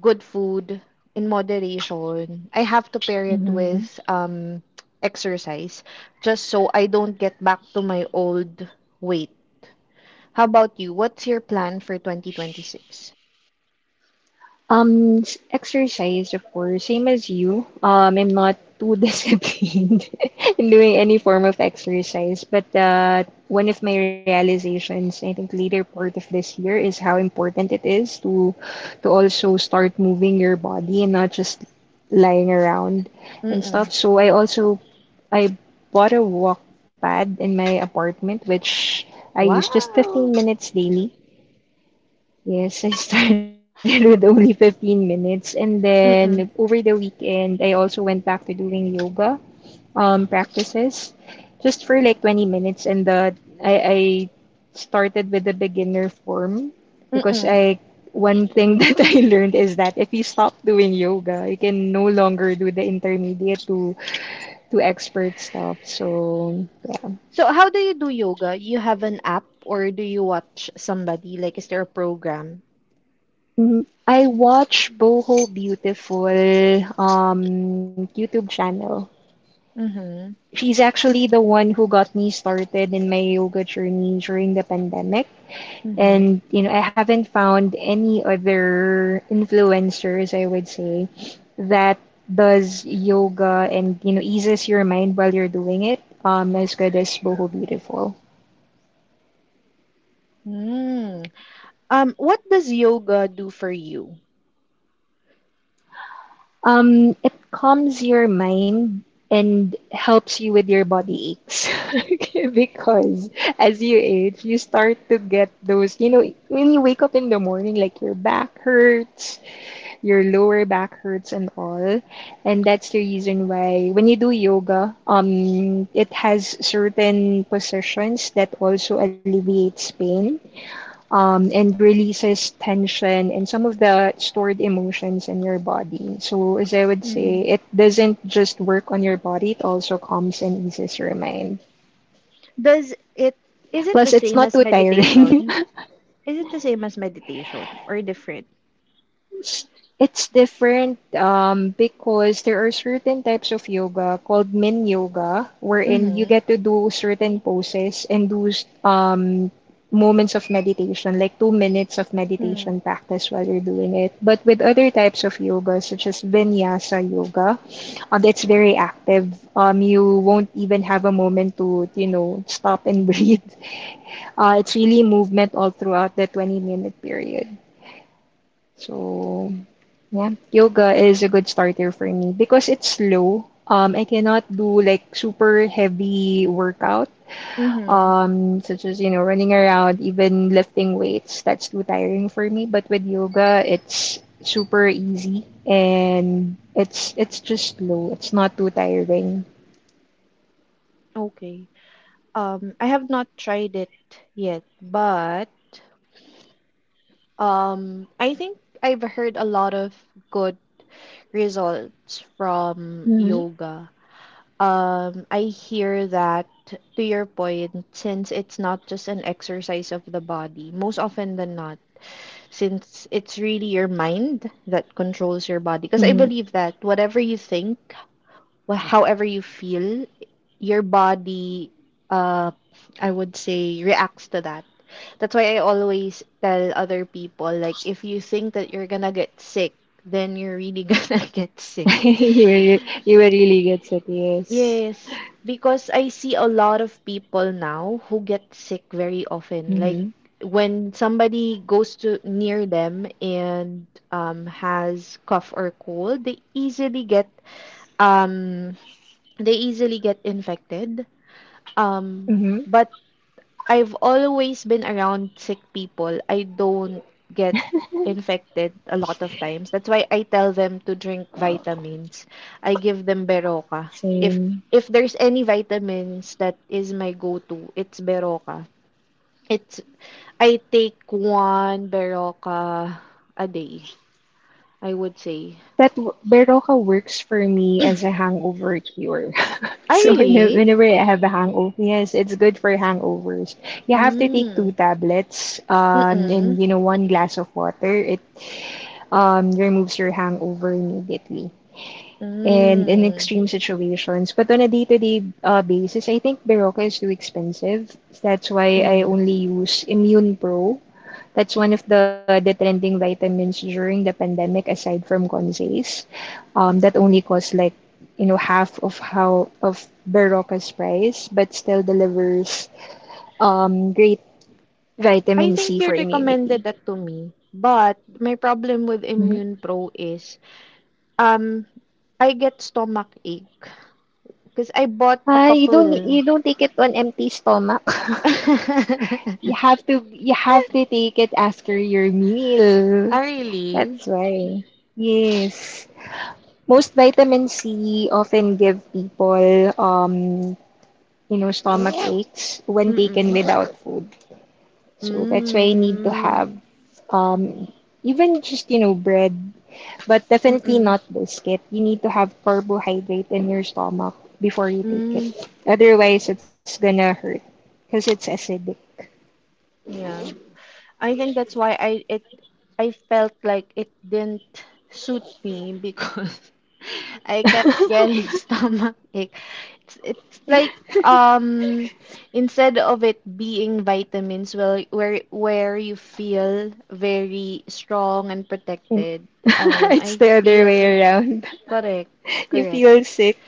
Speaker 1: good food in moderation. I have to pair it
Speaker 2: Mm-hmm.
Speaker 1: with exercise just so I don't get back to my old weight. How about you? What's your plan for 2026?
Speaker 2: Exercise, of course, same as you. I'm not too disciplined in doing any form of exercise, but one of my realizations, I think, later part of this year is how important it is to also start moving your body and not just lying around and stuff.
Speaker 1: Mm-mm.
Speaker 2: So I also I bought a walk pad in my apartment, which I use just 15
Speaker 1: Wow.
Speaker 2: minutes daily. Yes, I started with only 15 minutes. And then
Speaker 1: Mm-mm.
Speaker 2: over the weekend, I also went back to doing yoga practices just for like 20 minutes. I started with the beginner form because
Speaker 1: Mm-mm.
Speaker 2: I one thing that I learned is that if you stop doing yoga, you can no longer do the intermediate to expert stuff. So
Speaker 1: So how do you do yoga? You have an app or do you watch somebody? Like is there a program?
Speaker 2: mhm. I watch Boho Beautiful YouTube channel.
Speaker 1: Mm-hmm.
Speaker 2: She's actually the one who got me started in my yoga journey during the pandemic.
Speaker 1: Mm-hmm.
Speaker 2: And, you know, I haven't found any other influencers, I would say, that does yoga and, you know, eases your mind while you're doing it, as good as Boho Beautiful.
Speaker 1: Mm. What does yoga do for you?
Speaker 2: It calms your mind and helps you with your body aches because as you age, you start to get those, you know, when you wake up in the morning, like your back hurts, your lower back hurts, and all. And that's the reason why when you do yoga, it has certain positions that also alleviates pain and releases tension and some of the stored emotions in your body. So, as I would say, it doesn't just work on your body, it also calms and eases your mind.
Speaker 1: Does it Is it
Speaker 2: Plus,
Speaker 1: the
Speaker 2: it's
Speaker 1: same
Speaker 2: not
Speaker 1: as
Speaker 2: too tiring.
Speaker 1: meditation? Is it the same as meditation or different?
Speaker 2: It's it's different because there are certain types of yoga called Min Yoga, wherein you
Speaker 1: Mhm.
Speaker 2: get to do certain poses and do um, moments of meditation, like 2 minutes of
Speaker 1: Mm.
Speaker 2: meditation practice while you're doing it. But with other types of yoga, such as Vinyasa Yoga, that's very active. You won't even have a moment to, stop and breathe. It's really movement all throughout the 20-minute period. So. Yeah, yoga is a good starter for me because it's slow. I cannot do like super heavy workout,
Speaker 1: Mhm.
Speaker 2: such as running around, even lifting weights. That's too tiring for me. But with yoga, it's super easy and it's just slow. It's not too tiring.
Speaker 1: Okay. I have not tried it yet, but I think I've heard a lot of good results from
Speaker 2: Mm-hmm.
Speaker 1: yoga. I hear that to your point, since it's not just an exercise of the body, most often than not since it's really your mind that controls your body. Because I
Speaker 2: Mm-hmm.
Speaker 1: believe that whatever you think, however you feel, your body, uh, I would say, reacts to that. That's why I always tell other people, like, if you think that you're gonna get sick, then you're really gonna get sick.
Speaker 2: You will really get it. Yes.
Speaker 1: Yes, because I see a lot of people now who get sick very often. Like
Speaker 2: Mm-hmm.
Speaker 1: when somebody goes to near them and has cough or cold, um they easily get infected. Um,
Speaker 2: Mm-hmm.
Speaker 1: but I've always been around sick people. I don't get infected a lot of times. That's why I tell them to drink vitamins. I give them Beroca. If
Speaker 2: Same.
Speaker 1: if there's any vitamins that is my go-to, it's Beroca. It's I take one Beroca a day, I would say.
Speaker 2: Beroka works for me as a hangover cure.
Speaker 1: Ah,
Speaker 2: So
Speaker 1: really?
Speaker 2: whenever I have a hangover, yes, it's good for hangovers. You have to take two
Speaker 1: Mm.
Speaker 2: tablets,
Speaker 1: Mm-mm.
Speaker 2: and one glass of water. It removes your hangover immediately. And in
Speaker 1: Mm.
Speaker 2: extreme situations, but on a day-to-day basis, I think Berocca is too expensive. That's why I
Speaker 1: Mm.
Speaker 2: only use Immune Pro. That's one of the trending vitamins during the pandemic, aside from Consays, that only cost like half of how of Barocca's price, but still delivers great
Speaker 1: I
Speaker 2: vitamin
Speaker 1: think
Speaker 2: C
Speaker 1: you
Speaker 2: for
Speaker 1: recommended
Speaker 2: immunity.
Speaker 1: that to me, but my problem with
Speaker 2: Mhm.
Speaker 1: Immune Pro is um I get stomach ache because I bought a
Speaker 2: Ah,
Speaker 1: couple.
Speaker 2: you don't take it on empty stomach. You have to take it after your meal.
Speaker 1: Ah, really?
Speaker 2: That's why. Yes. Most vitamin C often give people stomach aches when taken
Speaker 1: Mm-mm.
Speaker 2: without food. So that's why you need to
Speaker 1: Mm.
Speaker 2: have um, even just, bread, but definitely
Speaker 1: Mm-mm.
Speaker 2: not biscuit. You need to have carbohydrate in your stomach before you take it.
Speaker 1: Mm.
Speaker 2: Otherwise, it's gonna hurt because it's acidic.
Speaker 1: Yeah. I think that's why I felt like it didn't suit me because I kept getting stomach ache. It's like um instead of it being vitamins well where you feel very strong and protected,
Speaker 2: it's
Speaker 1: I
Speaker 2: the other
Speaker 1: feel
Speaker 2: way around.
Speaker 1: correct,
Speaker 2: You
Speaker 1: correct.
Speaker 2: feel sick.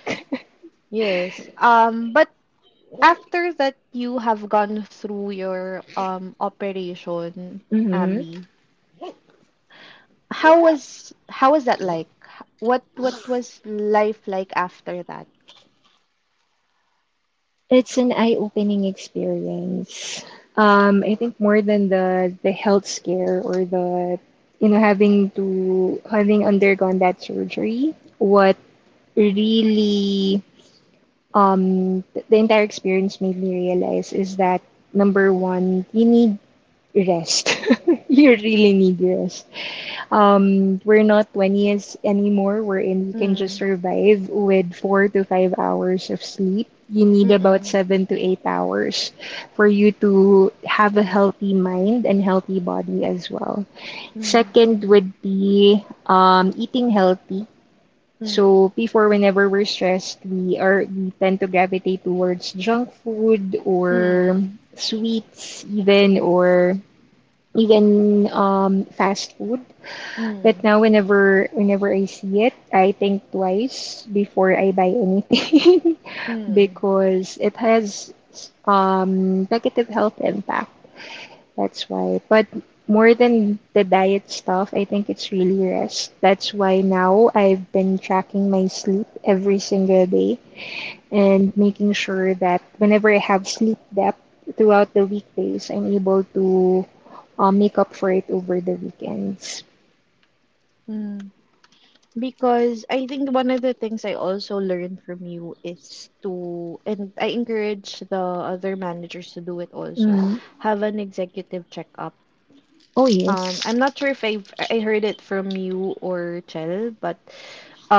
Speaker 1: Yes. Um, but after that you have gone through your operation,
Speaker 2: Mhm.
Speaker 1: Abby. How was that like? What was life like after that?
Speaker 2: It's an eye-opening experience. I think more than the health scare or the having undergone that surgery, what really the entire experience made me realize is that number one, you need rest. You really need rest. We're not 20's anymore, wherein you can just
Speaker 1: Mm,
Speaker 2: survive with 4 to 5 hours of sleep. You need about
Speaker 1: mm-mm,
Speaker 2: 7 to 8 hours for you to have a healthy mind and healthy body as well.
Speaker 1: mm,
Speaker 2: Second would be eating healthy.
Speaker 1: mm,
Speaker 2: So before, whenever we're stressed, we tend to gravitate towards junk food or
Speaker 1: mm,
Speaker 2: sweets, even or even fast food but
Speaker 1: mm,
Speaker 2: now whenever I see it, I think twice before I buy anything
Speaker 1: mm,
Speaker 2: because it has negative health impact. That's why. But more than the diet stuff, I think it's really rest. That's why now I've been tracking my sleep every single day and making sure that whenever I have sleep depth throughout the weekdays, I'm able to make up for it over the weekends.
Speaker 1: mm. Because I think one of the things I also learned from you is to, and I encourage the other managers to do it also,
Speaker 2: Mm.
Speaker 1: have an executive checkup.
Speaker 2: Oh, yes.
Speaker 1: I'm not sure if I heard it from you or Chell, but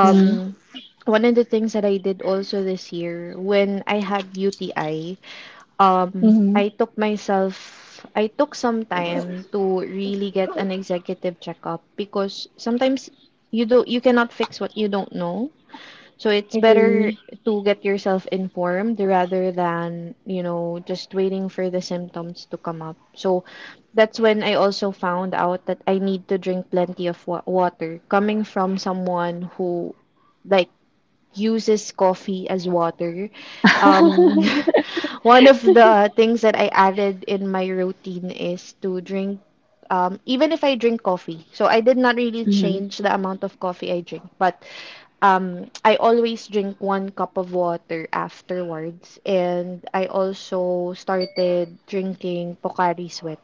Speaker 2: Mm,
Speaker 1: one of the things that I did also this year when I had UTI,
Speaker 2: hmm.
Speaker 1: I took some time to really get an executive checkup because sometimes you cannot fix what you don't know. So it's better
Speaker 2: Agree.
Speaker 1: to get yourself informed rather than, you know, just waiting for the symptoms to come up. So that's when I also found out that I need to drink plenty of water coming from someone who like uses coffee as water. Um, one of the things that I added in my routine is to drink even if I drink coffee. So I did not really
Speaker 2: Mhm,
Speaker 1: change the amount of coffee I drink, but I always drink one cup of water afterwards, and I also started drinking Pocari Sweat.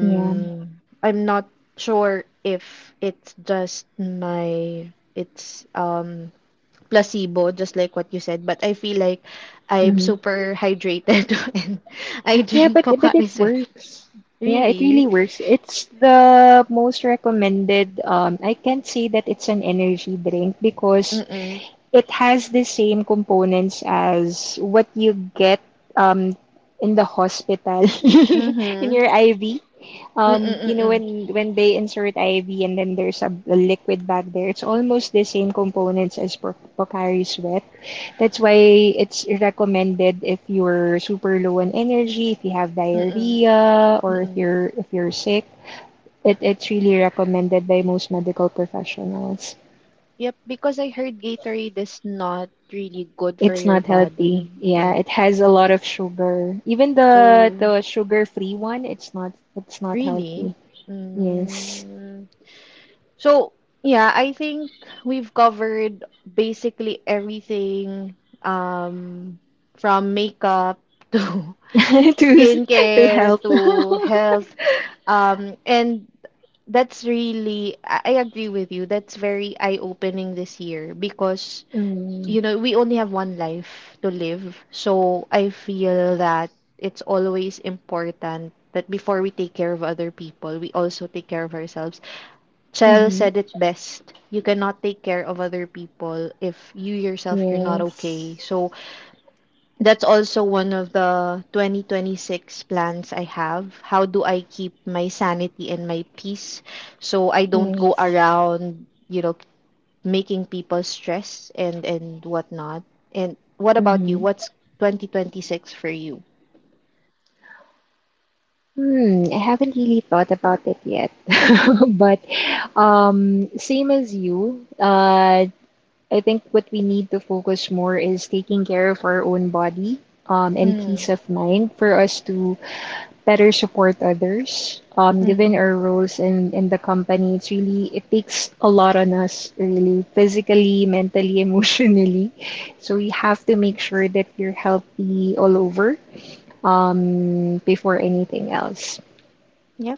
Speaker 2: yeah,
Speaker 1: I'm not sure if it's just my it's placebo just like what you said, but I feel like I'm
Speaker 2: mhm.
Speaker 1: super hydrated and I
Speaker 2: Yeah,
Speaker 1: drink
Speaker 2: but it
Speaker 1: Pocari Sweat.
Speaker 2: works. Yeah, it really
Speaker 1: Really?
Speaker 2: works. It's the most recommended, I can't say that it's an energy drink because
Speaker 1: Mm-mm.
Speaker 2: it has the same components as what you get um, in the hospital in
Speaker 1: Mm-hmm.
Speaker 2: your IV.
Speaker 1: Mm,
Speaker 2: You know
Speaker 1: mm,
Speaker 2: when they insert IV and then there's a liquid back there, it's almost the same components as Pro- Pocari Sweat. That's why it's recommended if you're super low on energy, if you have
Speaker 1: mm,
Speaker 2: diarrhea, or
Speaker 1: mm.
Speaker 2: if you're sick. It's really recommended by most medical professionals.
Speaker 1: Yep, because I heard Gatorade is not really good for
Speaker 2: It's
Speaker 1: your
Speaker 2: not healthy.
Speaker 1: body.
Speaker 2: Yeah,
Speaker 1: Yeah.
Speaker 2: it has a lot of sugar. Even the
Speaker 1: So,
Speaker 2: the sugar-free one, it's not
Speaker 1: really?
Speaker 2: healthy. Yes.
Speaker 1: Mm. So, yeah, I think we've covered basically everything um from makeup to
Speaker 2: To to
Speaker 1: skincare
Speaker 2: help.
Speaker 1: to health. And that's really, I agree with you. That's very eye-opening this year because
Speaker 2: Mm.
Speaker 1: you know, we only have one life to live. So I feel that it's always important that before we take care of other people, we also take care of ourselves. Chell
Speaker 2: Mm-hmm.
Speaker 1: said it best. You cannot take care of other people if you're not
Speaker 2: Yes.
Speaker 1: okay. So that's also one of the 2026 plans I have. How do I keep my sanity and my peace so I don't go
Speaker 2: Yes.
Speaker 1: around, you know, making people stressed and whatnot. And what about you?
Speaker 2: Mm-hmm.
Speaker 1: What's 2026 for you?
Speaker 2: Hmm, I haven't really thought about it yet. But same as you, I think what we need to focus more is taking care of our own body, and peace
Speaker 1: Mm,
Speaker 2: of mind for us to better support others. Given
Speaker 1: mm.
Speaker 2: our roles in the company, it's really, it takes a lot on us, really, physically, mentally, emotionally. So you have to make sure that you're healthy all over before anything else.
Speaker 1: Yep.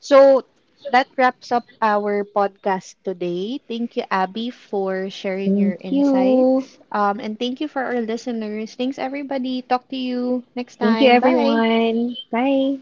Speaker 1: So that wraps up our podcast today. Thank you, Abby, for sharing
Speaker 2: Thank
Speaker 1: your
Speaker 2: you.
Speaker 1: insights. And thank you for our listeners. Thanks, everybody. Talk to you next
Speaker 2: Thank you,
Speaker 1: time. Bye.
Speaker 2: everyone. Bye.